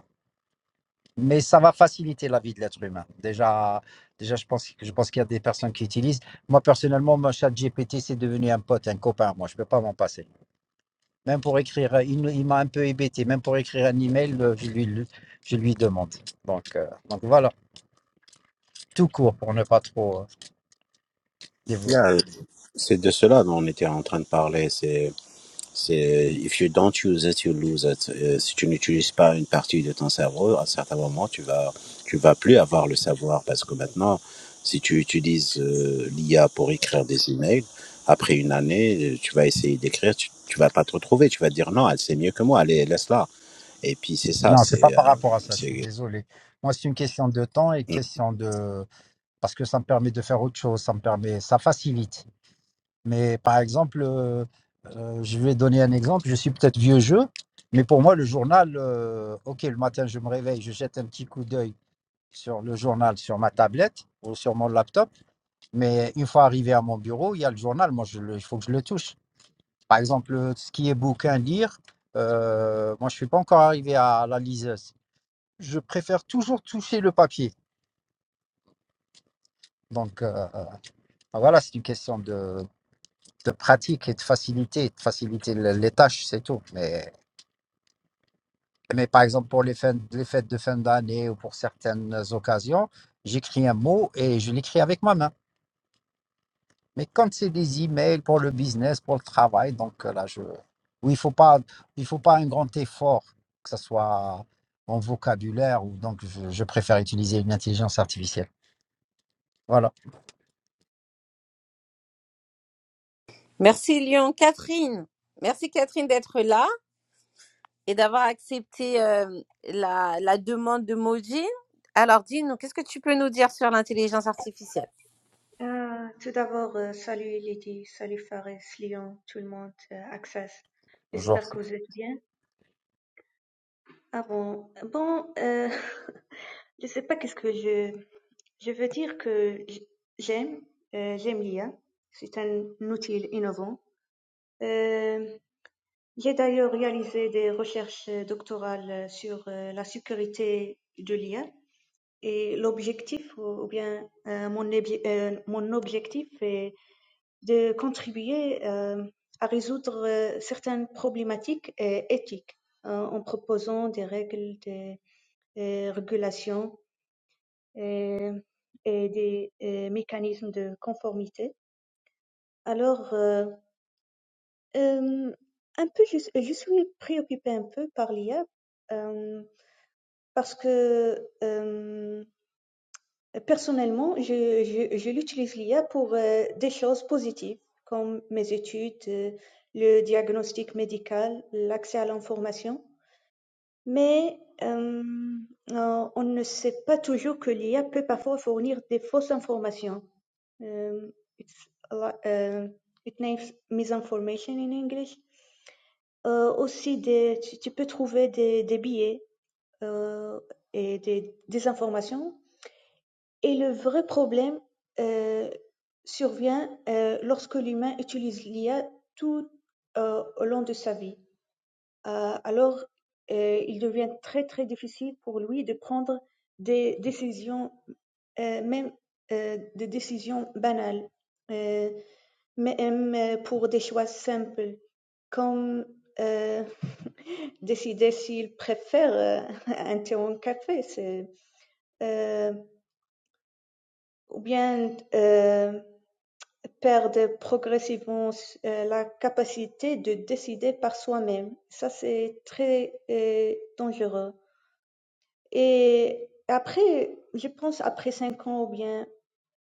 Mais ça va faciliter la vie de l'être humain. Déjà, déjà je pense, je pense qu'il y a des personnes qui utilisent. Moi, personnellement, mon chat GPT, c'est devenu un pote, un copain. Moi, je ne peux pas m'en passer. Même pour écrire, il, il m'a un peu hébété. Même pour écrire un email, euh, je lui, je lui demande. Donc, euh, donc voilà, tout court pour ne pas trop euh, dévorer. Yeah, c'est de cela dont on était en train de parler, c'est C'est if you don't use it, you lose it. Euh, si tu n'utilises pas une partie de ton cerveau, à un certain moment, tu vas, tu vas plus avoir le savoir parce que maintenant, si tu utilises euh, l'IA pour écrire des emails, après une année, euh, tu vas essayer d'écrire, tu, tu vas pas te retrouver, tu vas dire non, elle sait mieux que moi, allez, laisse-la. Et puis c'est ça, Non, c'est pas c'est, euh, par rapport à ça, je suis c'est désolé. Moi, c'est une question de temps et question de... Parce que ça me permet de faire autre chose, ça me permet... Ça facilite. Mais par exemple, euh, euh, je vais donner un exemple. Je suis peut-être vieux jeu, mais pour moi, le journal, euh, OK, le matin, je me réveille, je jette un petit coup d'œil sur le journal, sur ma tablette ou sur mon laptop. Mais une fois arrivé à mon bureau, il y a le journal. Moi, je le- il faut que je le touche. Par exemple, euh, ce qui est bouquin, lire, euh, moi, je ne suis pas encore arrivé à la liseuse. Je préfère toujours toucher le papier. Donc, euh, euh, voilà, c'est une question de, de pratique et de facilité, de faciliter le- les tâches, c'est tout. Mais Mais par exemple, pour les, fins- les fêtes de fin d'année ou pour certaines occasions, j'écris un mot et je l'écris avec ma main. Mais quand c'est des emails pour le business, pour le travail, donc euh, là, je... Oui, il faut pas, il faut pas un grand effort, que ce soit en vocabulaire ou donc je, je préfère utiliser une intelligence artificielle. Voilà, Merci Lyon. Catherine, merci Catherine d'être là et d'avoir accepté euh, la, la demande de Moji. Alors dis-nous, qu'est-ce que tu peux nous dire sur l'intelligence artificielle Euh, tout d'abord, euh, salut Lydie, salut Fares, Lyon, tout le monde, euh, Access. bonjour. J'espère que vous êtes bien. Ah bon, bon, euh, je sais pas qu'est-ce que je, je veux dire que j- j'aime, euh, j'aime l'IA. C'est un outil innovant. Euh, j'ai d'ailleurs réalisé des recherches euh, doctorales euh, sur euh, la sécurité de l'IA et l'objectif, ou ou bien euh, mon, obje- euh, mon objectif est de contribuer euh, à résoudre euh, certaines problématiques euh, éthiques euh, en proposant des règles de euh, régulation et, et des euh, mécanismes de conformité. Alors, euh, euh, un peu, je, je suis préoccupée un peu par l'IA euh, parce que euh, Personnellement, je, je, je l'utilise l'IA pour euh, des choses positives comme mes études, euh, le diagnostic médical, l'accès à l'information. Mais euh, euh, on ne sait pas toujours que l'IA peut parfois fournir des fausses informations. Euh, it's a lot- euh, it names misinformation in English. Euh, aussi, des, tu, tu peux trouver des, des biais euh, et des, des informations et le vrai problème euh, survient euh, lorsque l'humain utilise l'IA tout euh, au long de sa vie. Euh, alors, euh, il devient très très difficile pour lui de prendre des décisions, euh, même euh, des décisions banales, euh, même euh, pour des choix simples, comme euh, décider s'il préfère euh, un thé ou un café, c'est, euh, ou bien euh, perdre progressivement euh, la capacité de décider par soi-même. Ça, c'est très euh, dangereux. Et après, je pense après cinq ans ou bien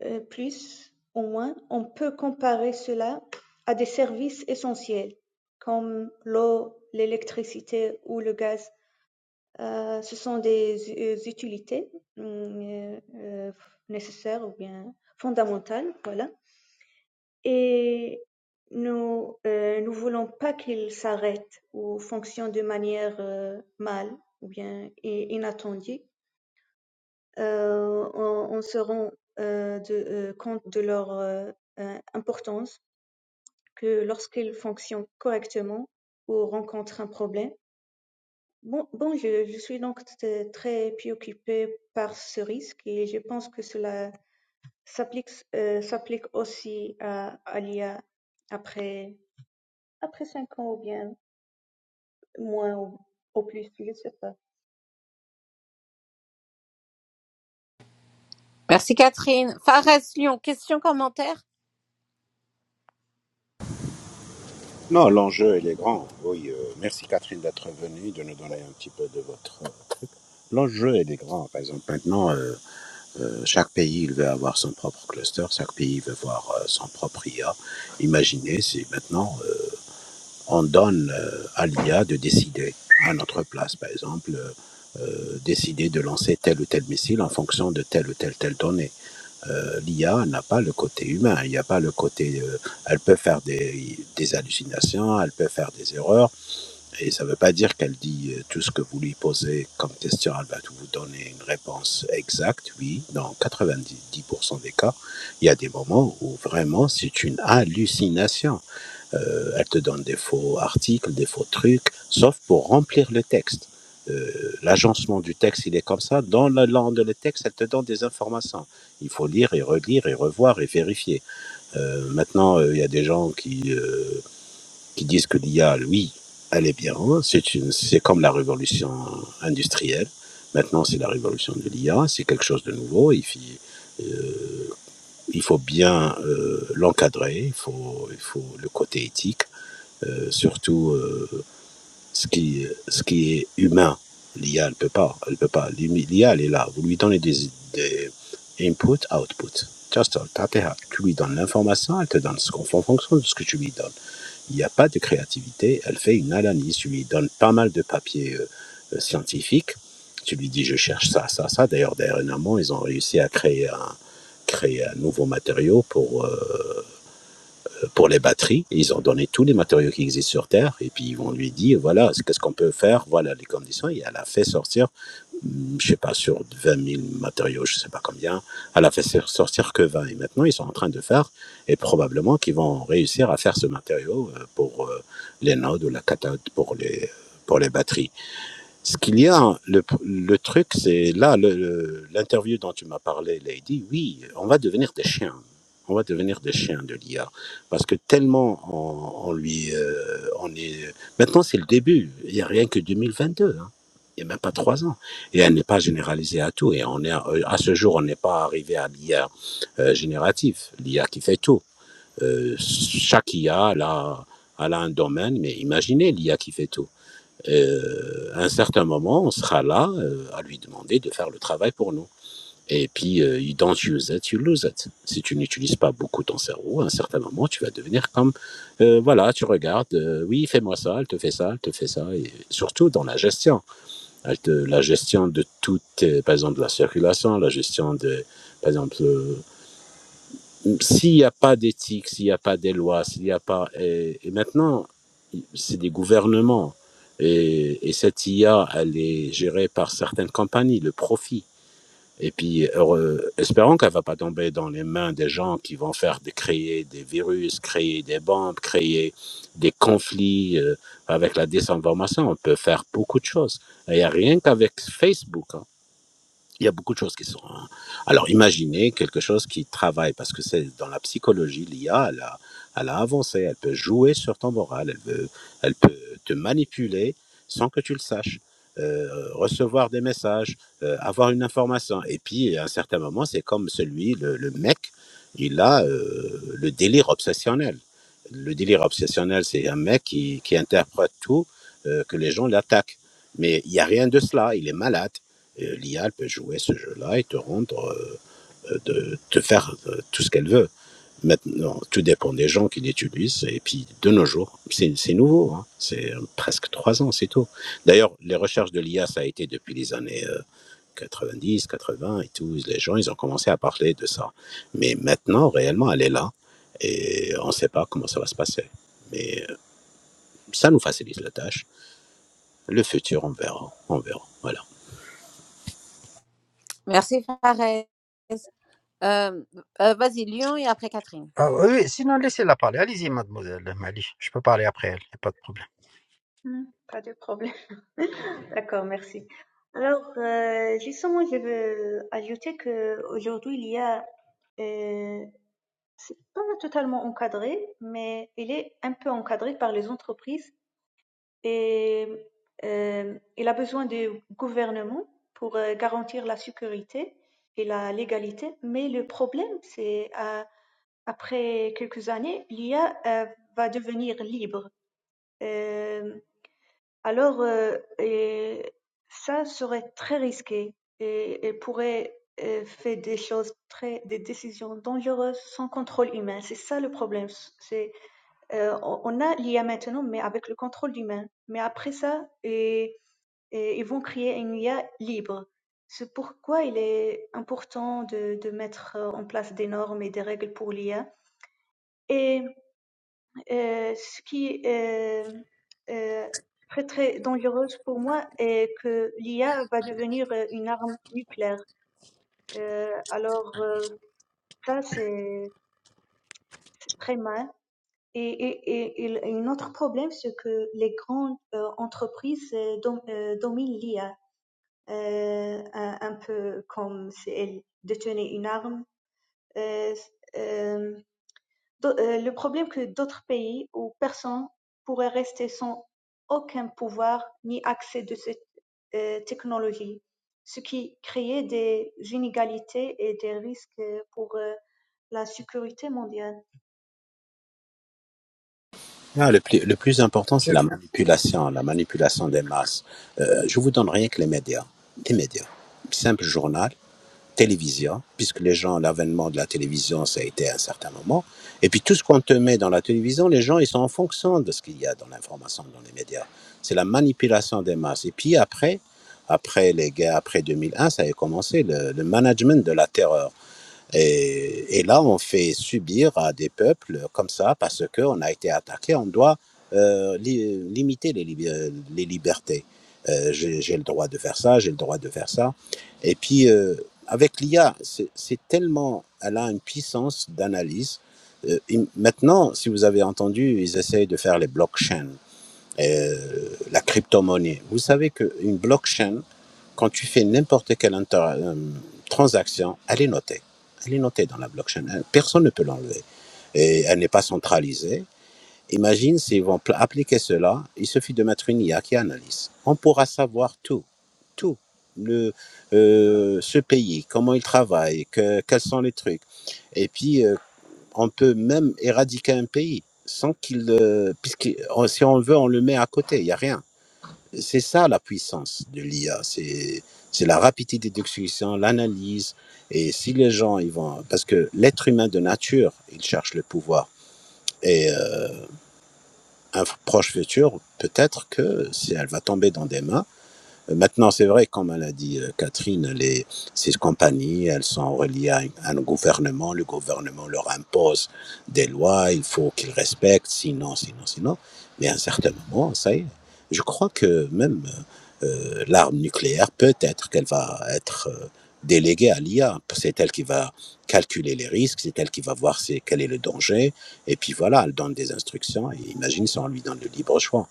euh, plus, au moins, on peut comparer cela à des services essentiels comme l'eau, l'électricité ou le gaz. Euh, ce sont des euh, utilités hum, euh, euh, nécessaires ou bien fondamentales, voilà et nous euh, nous voulons pas qu'ils s'arrêtent ou fonctionnent de manière euh, mal ou bien inattendue. Euh, on, on se rend euh, de, euh, compte de leur euh, euh, importance que lorsqu'ils fonctionnent correctement ou rencontrent un problème. Bon, bon, je, je suis donc t- très préoccupée par ce risque et je pense que cela s'applique euh, s'applique aussi à, à l'IA après Après 5 ans ou bien moins ou, ou plus, je ne sais pas. Merci Catherine. Fares Lyon, question, commentaire non, l'enjeu, il est grand. Oui, euh, merci Catherine d'être venue, de nous donner un petit peu de votre... L'enjeu, il est grand. Par exemple, maintenant, euh, Euh, chaque pays, il va avoir son propre cluster, chaque pays va avoir euh, son propre IA. Imaginez si maintenant euh, on donne euh, à l'IA de décider à notre place, par exemple, euh, euh, décider de lancer tel ou tel missile en fonction de telle ou telle telle donnée. Euh, L'IA n'a pas le côté humain, il n'y a pas le côté. euh, elle peut faire des, des hallucinations, elle peut faire des erreurs, et ça ne veut pas dire qu'elle dit euh, tout ce que vous lui posez comme question, elle va vous donner une réponse exacte. Oui, dans 90% des cas, il y a des moments où vraiment c'est une hallucination. Euh, elle te donne des faux articles, des faux trucs, sauf pour remplir le texte. Euh, L'agencement du texte, il est comme ça. Dans la langue de le texte, elle te donne des informations. Il faut lire et relire et revoir et vérifier. Euh, maintenant, euh, il y a des gens qui, Euh, qui disent que l'IA, oui, elle est bien. hein. C'est une, c'est comme la révolution industrielle. Maintenant, c'est la révolution de l'IA. C'est quelque chose de nouveau. Il faut, euh, il faut bien euh, l'encadrer. Il faut, il faut le côté éthique. euh, surtout euh, ce qui, ce qui est humain. L'IA, elle peut pas. Elle peut pas. L'IA, elle est là. Vous lui donnez des, des input, output. Just, tu lui donnes l'information, elle te donne ce qu'on fait en fonction de ce que tu lui donnes il n'y a pas de créativité. Elle fait une analyse. Tu lui donnes pas mal de papiers euh, euh, scientifiques. Tu lui dis, je cherche ça, ça, ça. D'ailleurs, dernièrement, ils ont réussi à créer un, créer un nouveau matériau pour, euh, pour les batteries. Ils ont donné tous les matériaux qui existent sur Terre et puis ils vont lui dire, voilà, qu'est-ce qu'on peut faire, voilà les conditions. Et elle a fait sortir je sais pas, sur 20 000 matériaux, je sais pas combien. Elle a fait sortir que 20. Et maintenant, ils sont en train de faire, et probablement qu'ils vont réussir à faire ce matériau euh, pour euh, les nodes ou la cathode pour les, pour les batteries. Ce qu'il y a, le, le truc, c'est là, le- le- l'interview dont tu m'as parlé, Lady, oui, on va devenir des chiens. On va devenir des chiens de l'IA. Parce que tellement on, on lui. euh, on est... Maintenant, c'est le début. Il n'y a rien que 2022. hein. Il n'y a même pas trois ans. Et elle n'est pas généralisée à tout. Et on est, à à ce jour, on n'est pas arrivé à l'IA euh, génératif, l'IA qui fait tout. Euh, chaque IA, elle a, elle a un domaine, mais imaginez l'IA qui fait tout euh, à un certain moment, on sera là euh, à lui demander de faire le travail pour nous. Et puis, euh, you don't use it, you lose it. Si tu n'utilises pas beaucoup ton cerveau, à un certain moment, tu vas devenir comme, euh, voilà, tu regardes, euh, oui, fais-moi ça, elle te fait ça, elle te fait ça, et surtout dans la gestion. Elle te, la gestion de toute, euh, par exemple, la circulation, la gestion de, par exemple, euh, s'il n'y a pas d'éthique, s'il n'y a pas des lois, s'il n'y a pas... Et, et maintenant, c'est des gouvernements. Et, et cette IA, elle est gérée par certaines compagnies, le profit. Et puis, heureux- espérons qu'elle ne va pas tomber dans les mains des gens qui vont faire de créer des virus, créer des bombes, créer des conflits euh, avec la désinformation. On peut faire beaucoup de choses. il n'y a rien qu'avec Facebook. hein. Il y a beaucoup de choses qui sont. hein. Alors imaginez quelque chose qui travaille, parce que c'est dans la psychologie, l'IA, elle a, elle a avancé, elle peut jouer sur ton moral, elle, veut, elle peut te manipuler sans que tu le saches, euh, recevoir des messages, euh, avoir une information. Et puis à un certain moment, c'est comme celui, le, le mec, il a euh, le délire obsessionnel. Le délire obsessionnel, c'est un mec qui, qui interprète tout, euh, que les gens l'attaquent. Mais il n'y a rien de cela, il est malade euh, L'IA elle peut jouer ce jeu-là et te rendre, euh, de te faire euh, tout ce qu'elle veut. Maintenant, tout dépend des gens qui l'utilisent. Et puis, de nos jours, c'est c'est nouveau. hein. C'est euh, presque trois ans, c'est tout. D'ailleurs, les recherches de l'IA, ça a été depuis les années euh, 90, 80 et tout. Les gens, ils ont commencé à parler de ça. Mais maintenant, réellement, elle est là. Et on ne sait pas comment ça va se passer. Mais euh, ça nous facilite la tâche. Le futur, on verra. On verra. Voilà. Merci Fares. Euh, euh, vas-y Lyon et après Catherine. Ah, oui, sinon, laissez-la parler. Allez-y, mademoiselle Mali. Je peux parler après elle, il n'y a pas de problème. Hmm. Pas de problème. D'accord, merci. Alors, euh, justement, je veux ajouter que aujourd'hui il y a, euh, c'est pas totalement encadré, mais il est un peu encadré par les entreprises et euh, il a besoin du gouvernement pour euh, garantir la sécurité et la légalité. Mais le problème, c'est à Après quelques années, l'Ia va devenir libre, Euh, alors euh, et ça serait très risqué et elle pourrait euh, faire des choses très, des décisions dangereuses sans contrôle humain. C'est ça le problème. C'est euh, on on a l'IA maintenant, mais avec le contrôle humain. Mais après ça, et, et ils vont créer une IA libre. C'est pourquoi il est important de, de mettre en place des normes et des règles pour l'IA. Et Euh, ce qui est euh, euh, très très dangereuse pour moi est que l'IA va devenir euh, une arme nucléaire. Euh, alors euh, ça c'est c'est très mal. Et, et, et, et un autre problème, c'est que les grandes euh, entreprises euh, dom- euh, dominent l'IA, euh, un, un peu comme si elles détenaient une arme. Euh, euh, Le problème que d'autres pays ou personnes pourraient rester sans aucun pouvoir ni accès de cette euh, technologie, ce qui créait des inégalités et des risques pour euh, la sécurité mondiale. Ah, le plus, le plus important, Je- c'est la manipulation, la manipulation des masses. Euh, je vous donne rien que les médias. les médias. Simple journal, télévision, puisque les gens, l'avènement de la télévision, ça a été à un certain moment. Et puis tout ce qu'on te met dans la télévision, les gens, ils sont en fonction de ce qu'il y a dans l'information, dans les médias. C'est la manipulation des masses. Et puis après, après les guerres, après 2001, ça a commencé le, le management de la terreur. Et, et là, on fait subir à des peuples comme ça parce qu'on a été attaqué. On doit euh, li- limiter les, lib- euh, les libertés. Euh, j'ai le droit de faire ça, j'ai le droit de faire ça. Et puis, euh, avec l'IA, c'est c'est tellement, elle a une puissance d'analyse. Euh, maintenant, si vous avez entendu, ils essayent de faire les blockchains euh, la crypto-monnaie. Vous savez qu'une blockchain, quand tu fais n'importe quelle inter- euh, transaction, elle est notée. Elle est notée dans la blockchain. Elle- Personne ne peut l'enlever. Et elle n'est pas centralisée. Imagine s'ils vont pl- appliquer cela, il suffit de mettre une IA qui analyse. On pourra savoir tout. Tout. Le, euh, ce pays, comment il travaille, que, quels sont les trucs. Et puis, euh, on peut même éradiquer un pays sans qu'il... euh, puisque on- si on le veut, on le met à côté, il n'y a rien. C'est ça la puissance de l'IA, c'est c'est la rapidité d'exécution, l'analyse. Et si les gens, ils vont... Parce que l'être humain de nature, il cherche le pouvoir. Et euh, un f- proche futur, peut-être que si elle va tomber dans des mains, euh, Maintenant, c'est vrai, comme l'a dit euh, Catherine, les, ces compagnies, elles sont reliées à, un- gouvernement. Le gouvernement leur impose des lois, il faut qu'ils respectent, sinon, sinon, sinon. Mais à un certain moment, ça y est. Je crois que même euh, l'arme nucléaire, peut-être qu'elle va être euh, déléguée à l'IA. C'est elle qui va calculer les risques, c'est elle qui va voir c'est, quel est le danger. Et puis voilà, elle donne des instructions. Et imagine si on lui donne le libre choix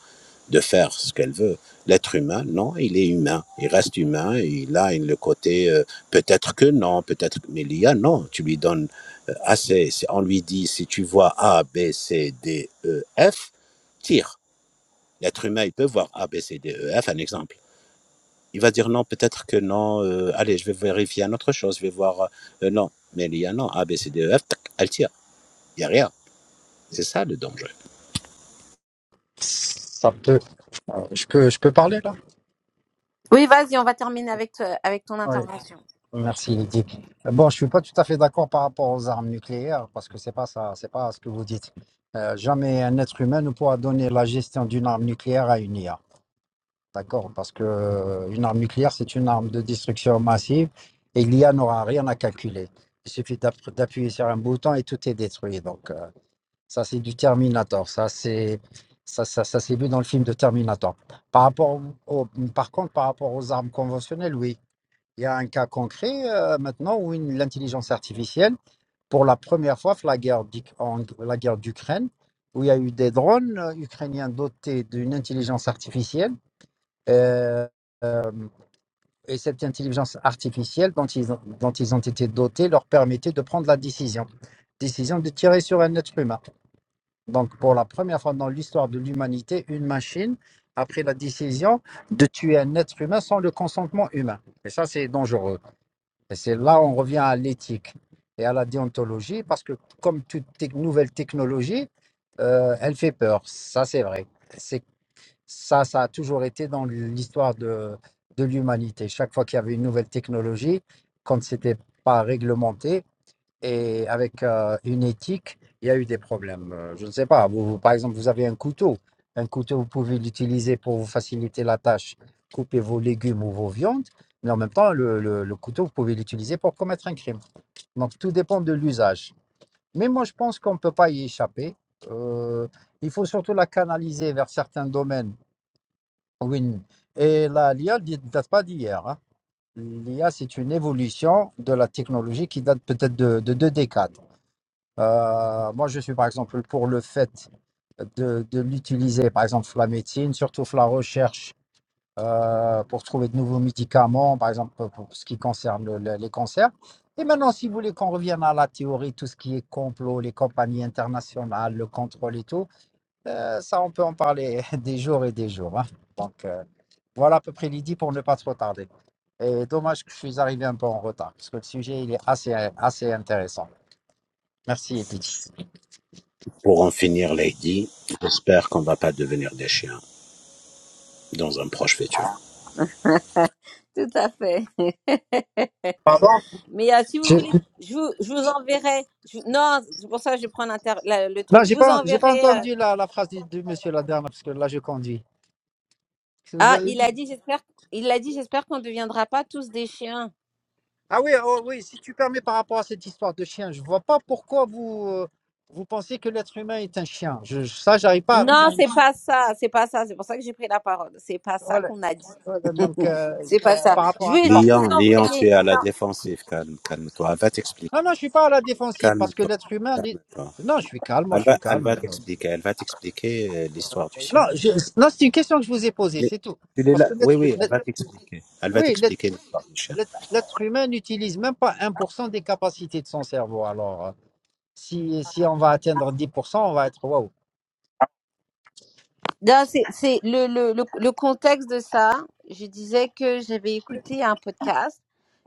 de faire ce qu'elle veut. L'être humain, non, il est humain, il reste humain, il a le côté euh, peut-être que non, peut-être mais l'I a non, tu lui donnes euh, assez, Si on lui dit si tu vois A, B, C, D, E, F, tire. L'être humain, il peut voir A, B, C, D, E, F, un exemple. Il va dire non, peut-être que non, euh, allez, je vais vérifier une autre chose, je vais voir euh, non, mais l'I a non, A, B, C, D, E, F, tac, elle tire, il n'y a rien. C'est ça le danger. Ça peut, euh, je peux, je peux parler là? Oui, vas-y, on va terminer avec, toi- avec ton intervention. Merci Lydie. Bon, je suis pas tout à fait d'accord par rapport aux armes nucléaires parce que c'est pas ça, c'est pas ce que vous dites. Euh, jamais un être humain ne pourra donner la gestion d'une arme nucléaire à une IA, d'accord? Parce que euh, une arme nucléaire, c'est une arme de destruction massive et l'IA n'aura rien à calculer. Il suffit d'app- d'appuyer sur un bouton et tout est détruit. Donc euh, ça, c'est du Terminator. Ça, c'est ça, ça, ça s'est vu dans le film de Terminator. Par rapport au- au- par contre, par rapport aux armes conventionnelles, oui. Il y a un cas concret euh, maintenant où une- l'intelligence artificielle, pour la première fois la guerre d'Uk- en- la guerre d'Ukraine, où il y a eu des drones euh, ukrainiens dotés d'une intelligence artificielle. euh, euh, et cette intelligence artificielle dont ils, ont, dont ils ont été dotés leur permettait de prendre la décision. Décision de tirer sur un être humain. Donc pour la première fois dans l'histoire de l'humanité, une machine a pris la décision de tuer un être humain sans le consentement humain. Et ça, c'est dangereux. Et c'est là où on revient à l'éthique et à la déontologie, parce que comme toute tec- nouvelle technologie, euh, elle fait peur. Ça, c'est vrai. C'est ça, ça a toujours été dans l'histoire de, de l'humanité. Chaque fois qu'il y avait une nouvelle technologie, quand c'était pas réglementé, et avec euh, une éthique, il y a eu des problèmes. Euh, Je ne sais pas, vous, vous, par exemple, vous avez un couteau. Un couteau, vous pouvez l'utiliser pour vous faciliter la tâche, couper vos légumes ou vos viandes, mais en même temps, le, le- le couteau, vous pouvez l'utiliser pour commettre un crime. Donc, tout dépend de l'usage. Mais moi, je pense qu'on ne peut pas y échapper. Euh, il faut surtout la canaliser vers certains domaines. Oui. Et la, l'IA ne date pas d'hier. hein. L'IA, c'est une évolution de la technologie qui date peut-être de, de deux décades. Euh, moi, je suis par exemple pour le fait de, de l'utiliser, par exemple la médecine, surtout la recherche euh, pour trouver de nouveaux médicaments, par exemple pour pour ce qui concerne le- le- les cancers. Et maintenant, si vous voulez qu'on revienne à la théorie, tout ce qui est complot, les compagnies internationales, le contrôle et tout, euh, ça, on peut en parler des jours et des jours. hein. Donc, euh, voilà à peu près l'idée pour ne pas trop tarder. Et dommage que je suis arrivé un peu en retard, parce que le sujet, il est assez, assez intéressant. Merci, Edith. Pour en finir, Lady, j'espère qu'on ne va pas devenir des chiens dans un proche futur. Tout à fait. Pardon? Mais euh, si vous J'ai- voulez, je vous, je vous enverrai. je- non, c'est pour ça que je prends l'inter- la- le Non, truc. Je j'ai vous pas, j'ai pas enverrai. euh, entendu la, la phrase du, du monsieur la dernière, parce que là, je conduis. Qu'est-ce que vous ah, avez il dit a dit, j'espère. Il a dit, j'espère qu'on ne deviendra pas tous des chiens. Ah oui, oh oui, si tu permets par rapport à cette histoire de chien, je vois pas pourquoi vous, euh, vous pensez que l'être humain est un chien. Je, je- ça, j'arrive pas. Non, c'est pas ça. C'est pas ça. C'est pour ça que j'ai pris la parole. C'est pas ça Voilà, qu'on a dit. voilà, donc, euh, C'est pas ça. par rapport Je à vais je vais ça. vous Lyon, Lyon, envoyer. tu es à la défensive. Calme, calme-toi. Elle va t'expliquer. Non, non, je suis pas à la défensive, parce que Calme-toi. l'être humain. l'est- Calme-toi. Non, je suis calme, moi, Elle je suis va, elle calme. va Non, t'expliquer. Elle va t'expliquer euh, l'histoire du Non, chien. je- non, c'est une question que je vous ai posée, Mais c'est tout. tu l'es Parce là. que Oui, l'être, oui, elle l'être- va t'expliquer. Elle va oui, l'être t'expliquer l'histoire du chien. l'être- l'être humain n'utilise même pas un pour cent des capacités de son cerveau. Alors. euh, Si, si on va atteindre 10%, on va être waouh. Non, c'est c'est le, le, le, le contexte de ça. Je disais que j'avais écouté un podcast,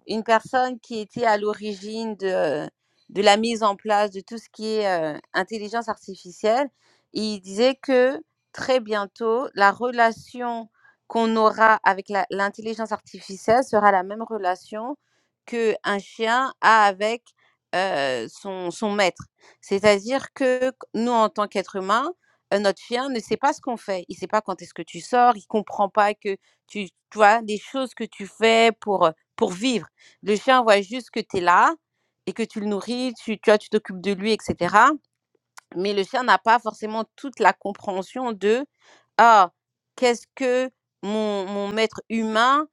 une personne qui était à l'origine de, de la mise en place de tout ce qui est euh, intelligence artificielle. Et il disait que très bientôt, la relation qu'on aura avec la- l'intelligence artificielle sera la même relation qu'un chien a avec euh, son, son maître. C'est-à-dire que nous, en tant qu'êtres humains, euh, notre chien ne sait pas ce qu'on fait. Il sait pas quand est-ce que tu sors. Il comprend pas que tu, tu vois, des choses que tu fais pour, euh, pour vivre. Le chien voit juste que tu es là et que tu le nourris, tu, tu vois, tu t'occupes de lui, etc mais le chien n'a pas forcément toute la compréhension de ah qu'est-ce que mon, mon maître humain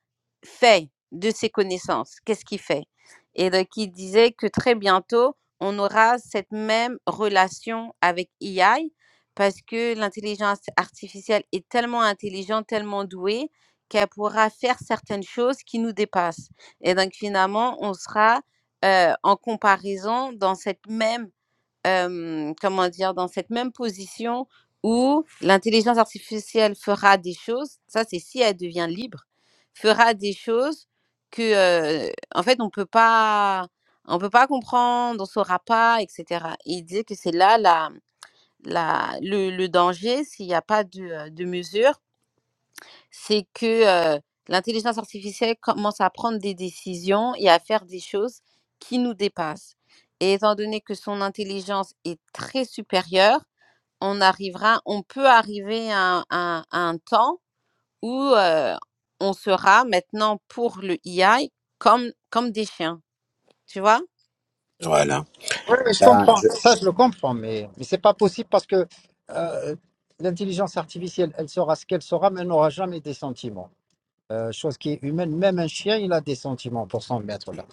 fait de ses connaissances qu'est-ce qu'il fait et donc il disait que très bientôt on aura cette même relation avec AI parce que l'intelligence artificielle est tellement intelligente tellement douée qu'elle pourra faire certaines choses qui nous dépassent et donc finalement on sera euh, en comparaison dans cette même euh, comment dire, dans cette même position où l'intelligence artificielle fera des choses, ça c'est si elle devient libre, fera des choses que, euh, en fait, on peut pas, on peut pas comprendre, on saura pas, etc. Et il disait que c'est là la, la, le, le danger s'il n'y a pas de, euh, de mesure c'est que euh, l'intelligence artificielle commence à prendre des décisions et à faire des choses qui nous dépassent. Et étant donné que son intelligence est très supérieure, on arrivera, on peut arriver à, un à un à un temps où euh, on sera maintenant pour le i a comme, comme des chiens, tu vois? Voilà. Oui, mais je Ben, comprends. je, Ça, je le comprends, mais, mais c'est pas possible parce que euh, l'intelligence artificielle, elle sera ce qu'elle sera, mais elle n'aura jamais des sentiments. Euh, chose qui est humaine, même un chien, il a des sentiments pour s'en mettre là.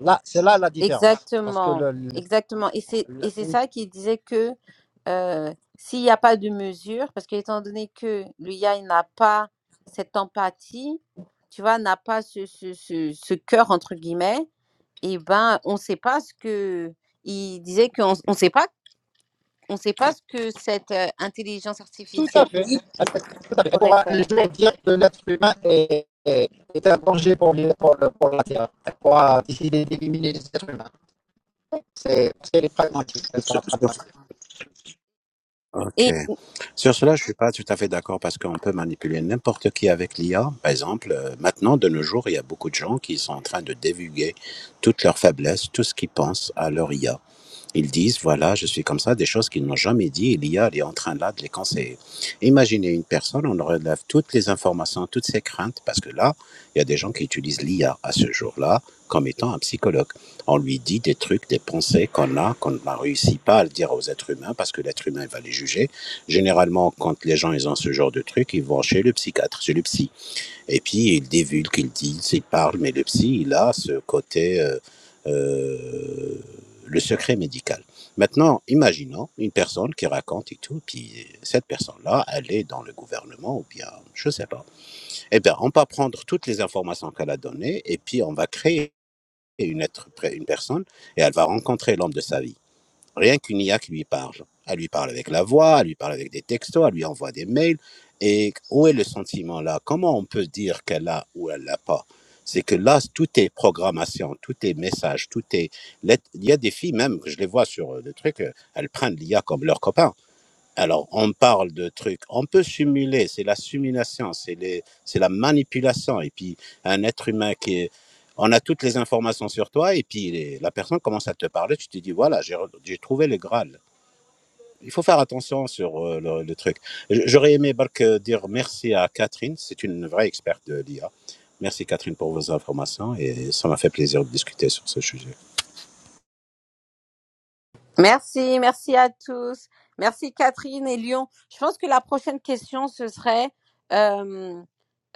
Là, c'est là la différence. Parce que Exactement, le, le- exactement. Et c'est et c'est le- ça qui disait que euh, s'il n'y a pas de mesure, parce que étant donné que l'IA n'a pas cette empathie, tu vois, n'a pas ce, ce, ce, ce cœur entre guillemets, et ben on ne sait pas ce que il disait qu'on on sait pas on sait pas ce que cette euh, intelligence tout à artificielle fait. Tout à fait. Elle pourrait pourra un faire. jour dire que l'être humain est, est- est un danger pour, les- pour, le- pour la Terre. Elle pourra décider d'éliminer les êtres humains. c'est c'est les pragmatiques, ça sera sur, sur- sur- pragmatique. ok. Sur cela, je suis pas tout à fait d'accord parce qu'on peut manipuler n'importe qui avec l'IA. Par exemple, euh, maintenant, de nos jours, il y a beaucoup de gens qui sont en train de divulguer toutes leurs faiblesses, tout ce qu'ils pensent à leur IA. Ils disent, voilà, je suis comme ça, des choses qu'ils n'ont jamais dit, et l'IA elle est en train là de les conseiller. Imaginez une personne, on relève toutes les informations, toutes ses craintes, parce que là, il y a des gens qui utilisent l'IA à ce jour-là comme étant un psychologue. On lui dit des trucs, des pensées qu'on a, qu'on n'a réussi pas à le dire aux êtres humains, parce que l'être humain il va les juger. Généralement, quand les gens ils ont ce genre de trucs, ils vont chez le psychiatre, chez le psy. Et puis, il divulgue, il dit, il parle, mais le psy, il a ce côté, euh, euh, le secret médical. Maintenant, imaginons une personne qui raconte et tout, puis cette personne-là, elle est dans le gouvernement ou bien, je sais pas. Eh bien, on va prendre toutes les informations qu'elle a données et puis on va créer une, être, une personne et elle va rencontrer l'homme de sa vie. Rien qu'une IA qui lui parle. Elle lui parle avec la voix, elle lui parle avec des textos, elle lui envoie des mails. Et où est le sentiment là Comment on peut dire qu'elle a ou elle l'a pas C'est que là, tout est programmation, tout est message, tout est... lettre- Il y a des filles même, que je les vois sur euh, le truc, euh, elles prennent l'IA comme leur copain. Alors, on parle de trucs. On peut simuler, c'est la simulation, c'est les- c'est la manipulation. Et puis, un être humain qui est. On a toutes les informations sur toi, et puis les- la personne commence à te parler, tu te dis voilà, j'ai re- j'ai trouvé le Graal. Il faut faire attention sur euh, le, le truc. J- J'aurais aimé Bark, euh, dire merci à Catherine, c'est une vraie experte de l'IA. Merci Catherine pour vos informations, et ça m'a fait plaisir de discuter sur ce sujet. Merci, merci à tous. Merci Catherine et Lyon. Je pense que la prochaine question, ce serait euh,